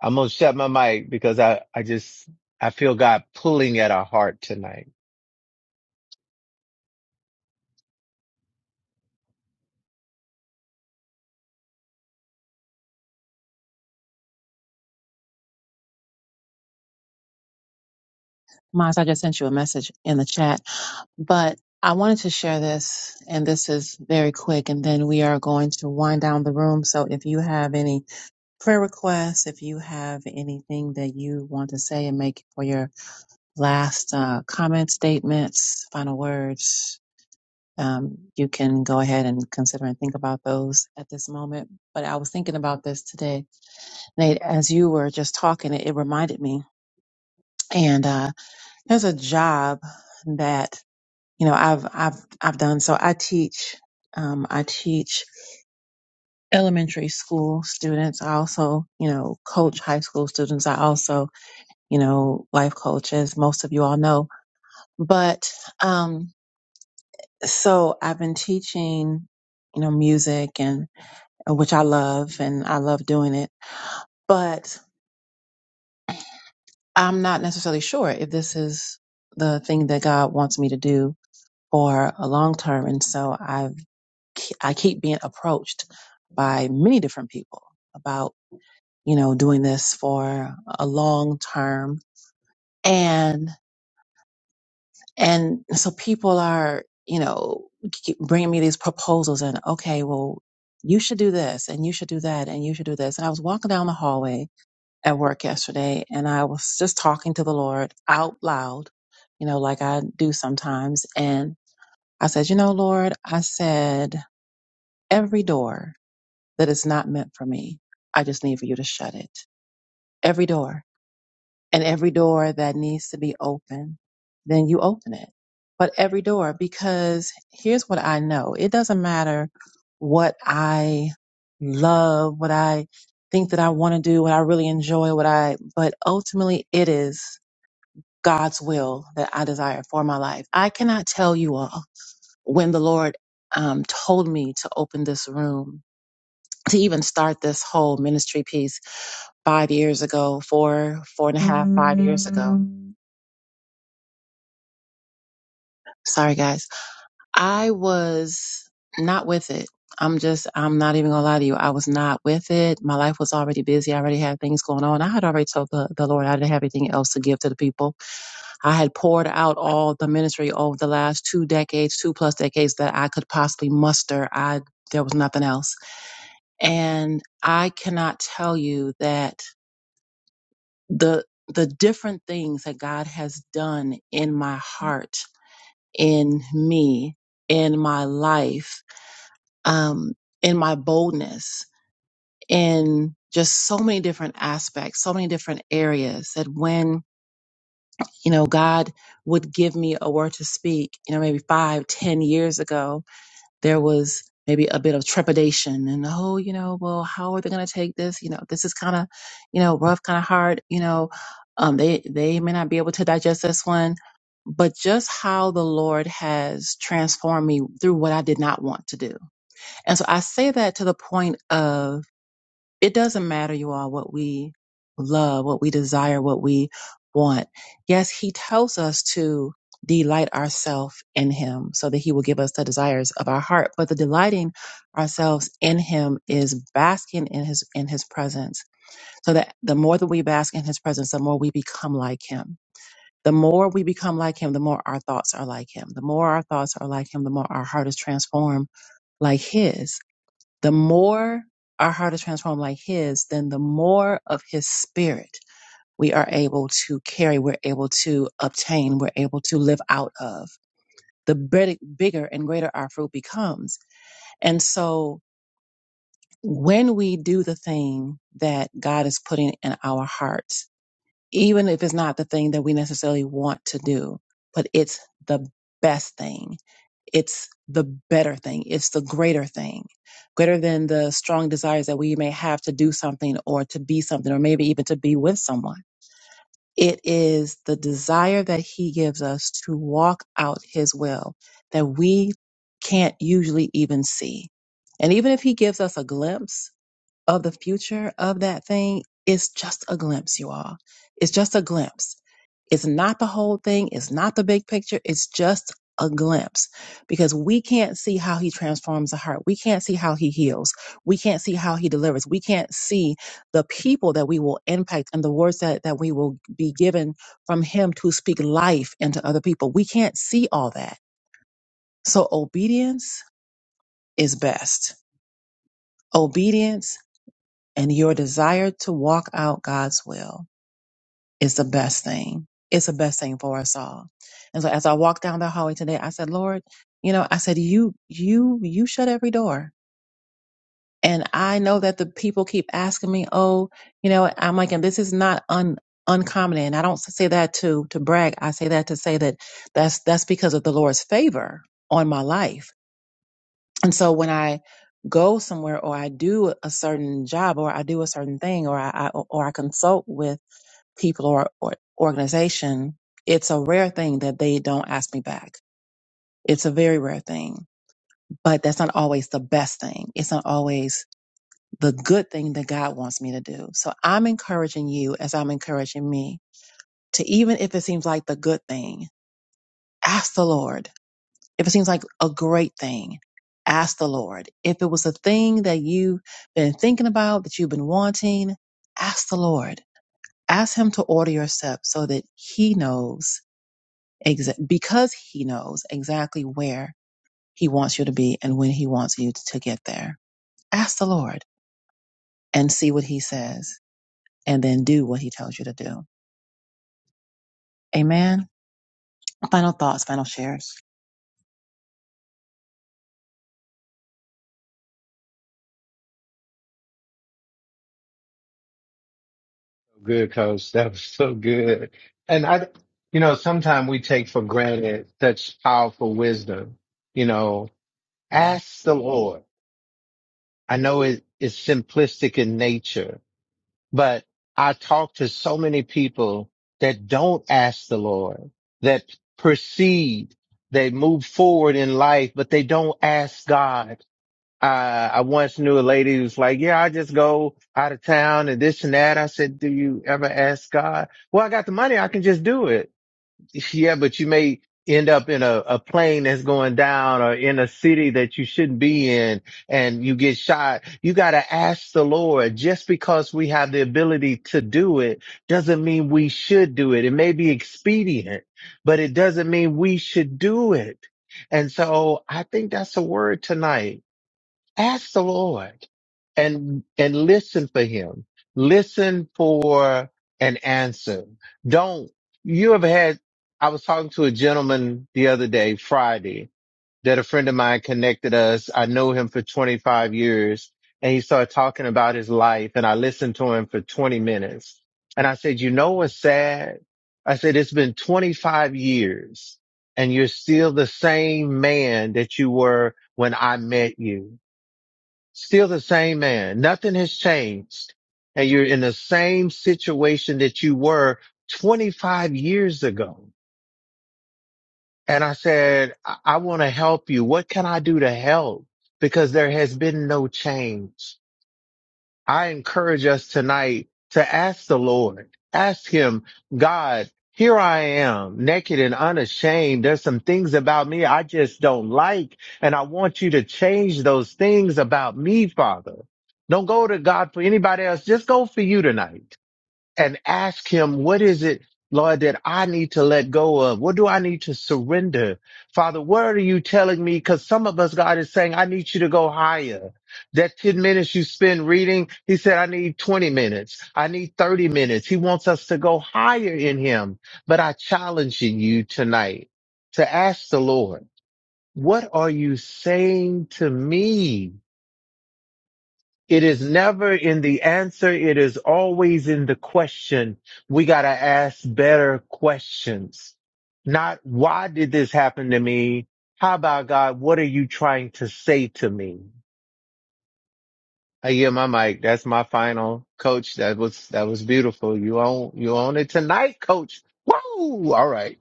S7: I'm gonna shut my mic because I, I just I feel God pulling at our heart tonight.
S1: Maz, I just sent you a message in the chat, but I wanted to share this, and this is very quick, and then we are going to wind down the room. So if you have any prayer requests, if you have anything that you want to say and make for your last uh, comment, statements, final words, um, you can go ahead and consider and think about those at this moment. But I was thinking about this today, Nate, as you were just talking, it, it reminded me. And uh, there's a job that you know i've i've i've done so i teach um, i teach elementary school students i also you know coach high school students i also you know life coach as most of you all know but um so i've been teaching you know music and uh, which i love and i love doing it but i'm not necessarily sure if this is the thing that god wants me to do for a long term and so i've I keep being approached by many different people about, you know, doing this for a long term. And, and so people are, you know, keep bringing me these proposals and, okay, well, you should do this and you should do that and you should do this. And I was walking down the hallway at work yesterday and I was just talking to the Lord out loud, you know, like I do sometimes. And I said, you know, Lord, I said, every door that is not meant for me. I just need for you to shut it. Every door and every door that needs to be open, then you open it. But every door, because here's what I know. It doesn't matter what I love, what I think that I want to do, what I really enjoy, what I, but ultimately it is God's will that I desire for my life. I cannot tell you all when the Lord um, told me to open this room to even start this whole ministry piece five years ago, four, four and a half, five years ago. Sorry, guys. I was not with it. I'm just, I'm not even gonna lie to you. I was not with it. My life was already busy. I already had things going on. I had already told the, the Lord I didn't have anything else to give to the people. I had poured out all the ministry over the last two decades, two plus decades that I could possibly muster. I, there was nothing else. And I cannot tell you that the the different things that God has done in my heart, in me, in my life, um, in my boldness, in just so many different aspects, so many different areas that when, you know, God would give me a word to speak, you know, maybe five, ten years ago, there was maybe a bit of trepidation and oh you know well how are they going to take this you know this is kind of you know rough kind of hard you know um they they may not be able to digest this one but just how the lord has transformed me through what i did not want to do and so i say that to the point of it doesn't matter, you all, what we love, what we desire, what we want. Yes, He tells us to delight ourselves in Him so that He will give us the desires of our heart. But the delighting ourselves in Him is basking in His in His presence. So that the more that we bask in His presence, the more we become like Him. The more we become like him, the more our thoughts are like him. The more our thoughts are like him, the more our heart is transformed like his the more our heart is transformed like his, then the more of his spirit we are able to carry, we're able to obtain, we're able to live out of. The big- bigger and greater our fruit becomes. And so when we do the thing that God is putting in our hearts, even if it's not the thing that we necessarily want to do, but it's the best thing it's the better thing. It's the greater thing, greater than the strong desires that we may have to do something or to be something or maybe even to be with someone. It is the desire that He gives us to walk out His will that we can't usually even see. And even if He gives us a glimpse, of the future of that thing is just a glimpse, you all. It's just a glimpse. It's not the whole thing, it's not the big picture, it's just a glimpse because we can't see how he transforms the heart. We can't see how he heals. We can't see how he delivers. We can't see the people that we will impact and the words that, that we will be given from him to speak life into other people. We can't see all that. So obedience is best. Obedience and your desire to walk out God's will is the best thing. It's the best thing for us all. And so as I walked down the hallway today, I said, Lord, you know, I said, you, you, you shut every door. And I know that the people keep asking me, oh, you know, I'm like, and this is not un, uncommon. And I don't say that to, to brag. I say that to say that that's, that's because of the Lord's favor on my life and so when I go somewhere or I do a certain job or I do a certain thing or I, I or I consult with people or, or organization, it's a rare thing that they don't ask me back. It's a very rare thing, but that's not always the best thing. It's not always the good thing that God wants me to do. So I'm encouraging you as I'm encouraging me to even if it seems like the good thing, ask the Lord If it seems like a great thing, ask the Lord. If it was a thing that you've been thinking about, that you've been wanting, ask the Lord. Ask Him to order your steps so that He knows, exa- because He knows exactly where He wants you to be and when He wants you to get there. Ask the Lord and see what He says and then do what He tells you to do. Amen. Final thoughts, final shares.
S7: Good coach, that was so good. And I, you know, sometimes we take for granted such powerful wisdom. You know, ask the Lord. I know it, it's simplistic in nature, but I talk to so many people that don't ask the Lord, that proceed, they move forward in life, but they don't ask God. Uh, I once knew a lady who's like, yeah, I just go out of town and this and that. I said, do you ever ask God? Well, I got the money. I can just do it yeah, but you may end up in a, a plane that's going down or in a city that you shouldn't be in and you get shot. You got to ask the Lord just because we have the ability to do it doesn't mean we should do it. It may be expedient, but it doesn't mean we should do it. And so I think that's a word tonight ask the Lord and and listen for him. Listen for an answer. Don't you ever had I was talking to a gentleman the other day, Friday, that a friend of mine connected us. I know him for 25 years and he started talking about his life and I listened to him for 20 minutes. And I said, you know what's sad? I said, it's been 25 years and you're still the same man that you were when I met you. Still the same man. Nothing has changed. And you're in the same situation that you were 25 years ago. And I said, I, I want to help you. What can I do to help? Because there has been no change. I encourage us tonight to ask the Lord, ask Him, God, here I am, naked and unashamed. There's some things about me I just don't like, and I want you to change those things about me, Father. Don't go to God for anybody else. Just go for you tonight and ask him, what is it, Lord, that I need to let go of? What do I need to surrender? Father, where are you telling me? Cause some of us, God is saying, I need you to go higher. That 10 minutes you spend reading, he said, I need 20 minutes. I need 30 minutes. He wants us to go higher in him. But I challenge you tonight to ask the Lord, what are you saying to me? It is never in the answer. It is always in the question. We got to ask better questions. Not why did this happen to me? How about God? What are you trying to say to me? I hear my mic. That's my final coach. That was, that was beautiful. You own, you own it tonight, coach. Woo! All right.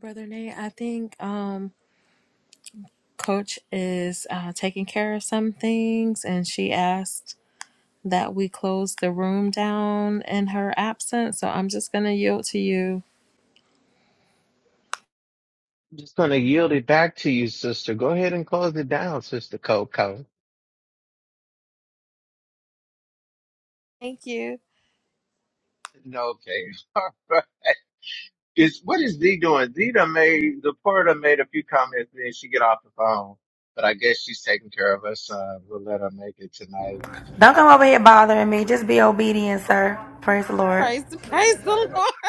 S6: Brother Nate, I think um, Coach is uh, taking care of some things, and she asked that we close the room down in her absence. So I'm just gonna yield to you.
S7: I'm just going to yield it back to you, sister. Go ahead and close it down, sister Coco.
S6: Thank you.
S7: Okay. All right. Is what is Z doing? Z done made the porter made a few comments and then she get off the phone. But I guess she's taking care of us. Uh, we'll let her make it tonight.
S5: Don't
S7: Uh,
S5: come over here bothering me. Just be obedient, sir. Praise the Lord.
S6: Praise the praise the Lord,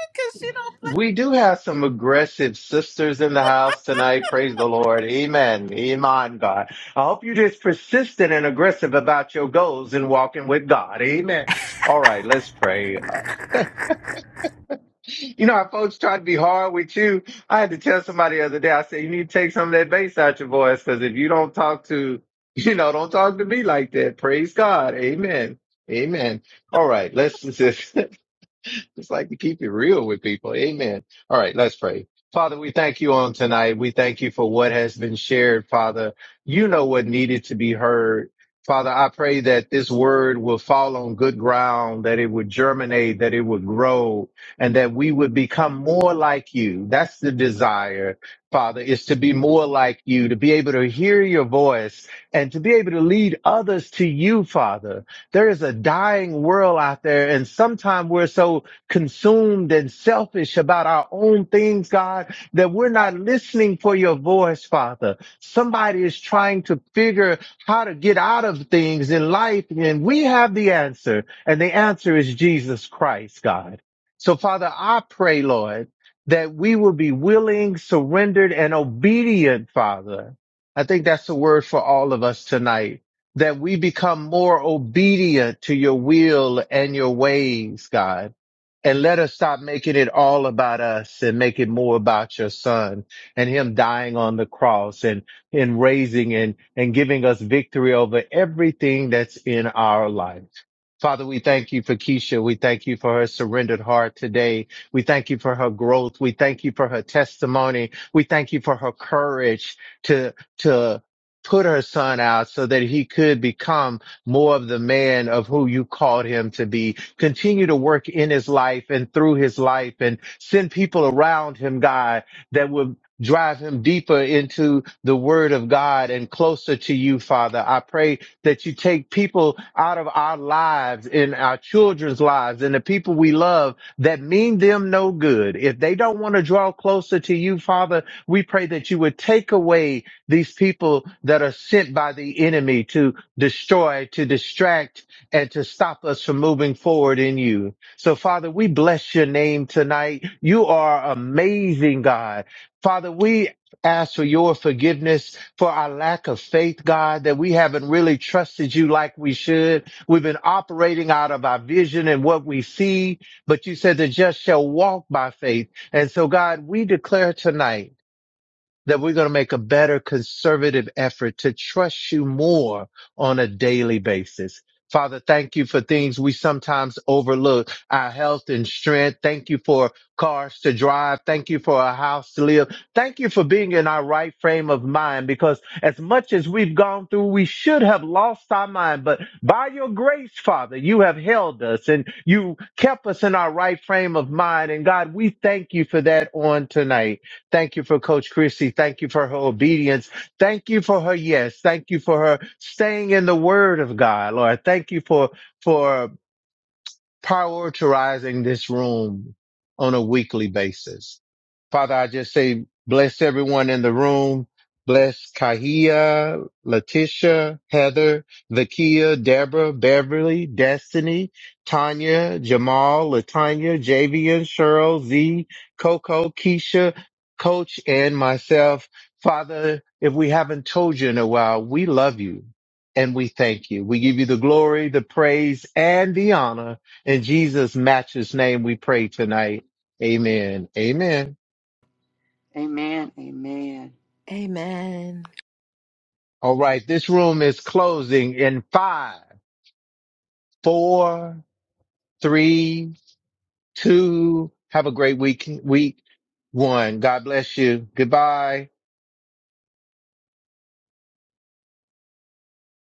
S6: cause she don't.
S7: we do have some aggressive sisters in the house tonight. Praise the Lord. Amen. Amen, God. I hope you're just persistent and aggressive about your goals and walking with God. Amen. All right, let's pray. Uh, You know how folks try to be hard with you. I had to tell somebody the other day, I said, you need to take some of that bass out your voice because if you don't talk to, you know, don't talk to me like that. Praise God. Amen. Amen. All right. Let's just It's like to keep it real with people. Amen. All right, let's pray. Father, we thank you on tonight. We thank you for what has been shared, Father. You know what needed to be heard. Father, I pray that this word will fall on good ground, that it would germinate, that it would grow, and that we would become more like you. That's the desire, Father, is to be more like you, to be able to hear your voice and to be able to lead others to you, Father there is a dying world out there and sometimes we're so consumed and selfish about our own things, God, that we're not listening for your voice, Father. Somebody is trying to figure how to get out of things in life, and we have the answer. And the answer is Jesus Christ, God. So, Father, I pray, Lord, that we will be willing, surrendered, and obedient, Father. I think that's the word for all of us tonight that we become more obedient to your will and your ways, God and let us stop making it all about us and make it more about your son and him dying on the cross and, and raising and, and giving us victory over everything that's in our life. Father, we thank you for Keisha. We thank you for her surrendered heart today. We thank you for her growth. We thank you for her testimony. We thank you for her courage to, to put her son out so that he could become more of the man of who you called him to be. Continue to work in his life and through his life and send people around him, God, that will drive him deeper into the word of God and closer to you, Father. I pray that you take people out of our lives, in our children's lives, and the people we love that mean them no good. If they don't want to draw closer to you, Father, we pray that you would take away these people that are sent by the enemy to destroy, to distract, and to stop us from moving forward in you. So, Father, we bless your name tonight. You are amazing, God. Father, we ask for your forgiveness for our lack of faith, God, that we haven't really trusted you like we should. We've been operating out of our vision and what we see, but you said the just shall walk by faith. And so, God, we declare tonight that we're going to make a better conservative effort to trust you more on a daily basis. Father, thank you for things we sometimes overlook, our health and strength. Thank you for cars to drive. Thank you for a house to live. Thank you for being in our right frame of mind because as much as we've gone through, we should have lost our mind. But by your grace, Father, you have held us and you kept us in our right frame of mind. And God, we thank you for that on tonight. Thank you for Coach Christie. Thank you for her obedience. Thank you for her yes. Thank you for her staying in the Word of God, Lord. Thank you for for prioritizing this room on a weekly basis. Father, I just say bless everyone in the room. Bless Kahia, Letitia, Heather, Vakia, Deborah, Beverly, Destiny, Tanya, Jamal, Latanya, Javian, Cheryl, Z, Coco, Keisha, Coach, and myself. Father, if we haven't told you in a while, we love you and we thank you. We give you the glory, the praise, and the honor. In Jesus' matchless name, we pray tonight. Amen. Amen.
S2: Amen. Amen.
S6: Amen.
S7: All right. This room is closing in five, four, three, two. Have a great week. Week one. God bless you. Goodbye.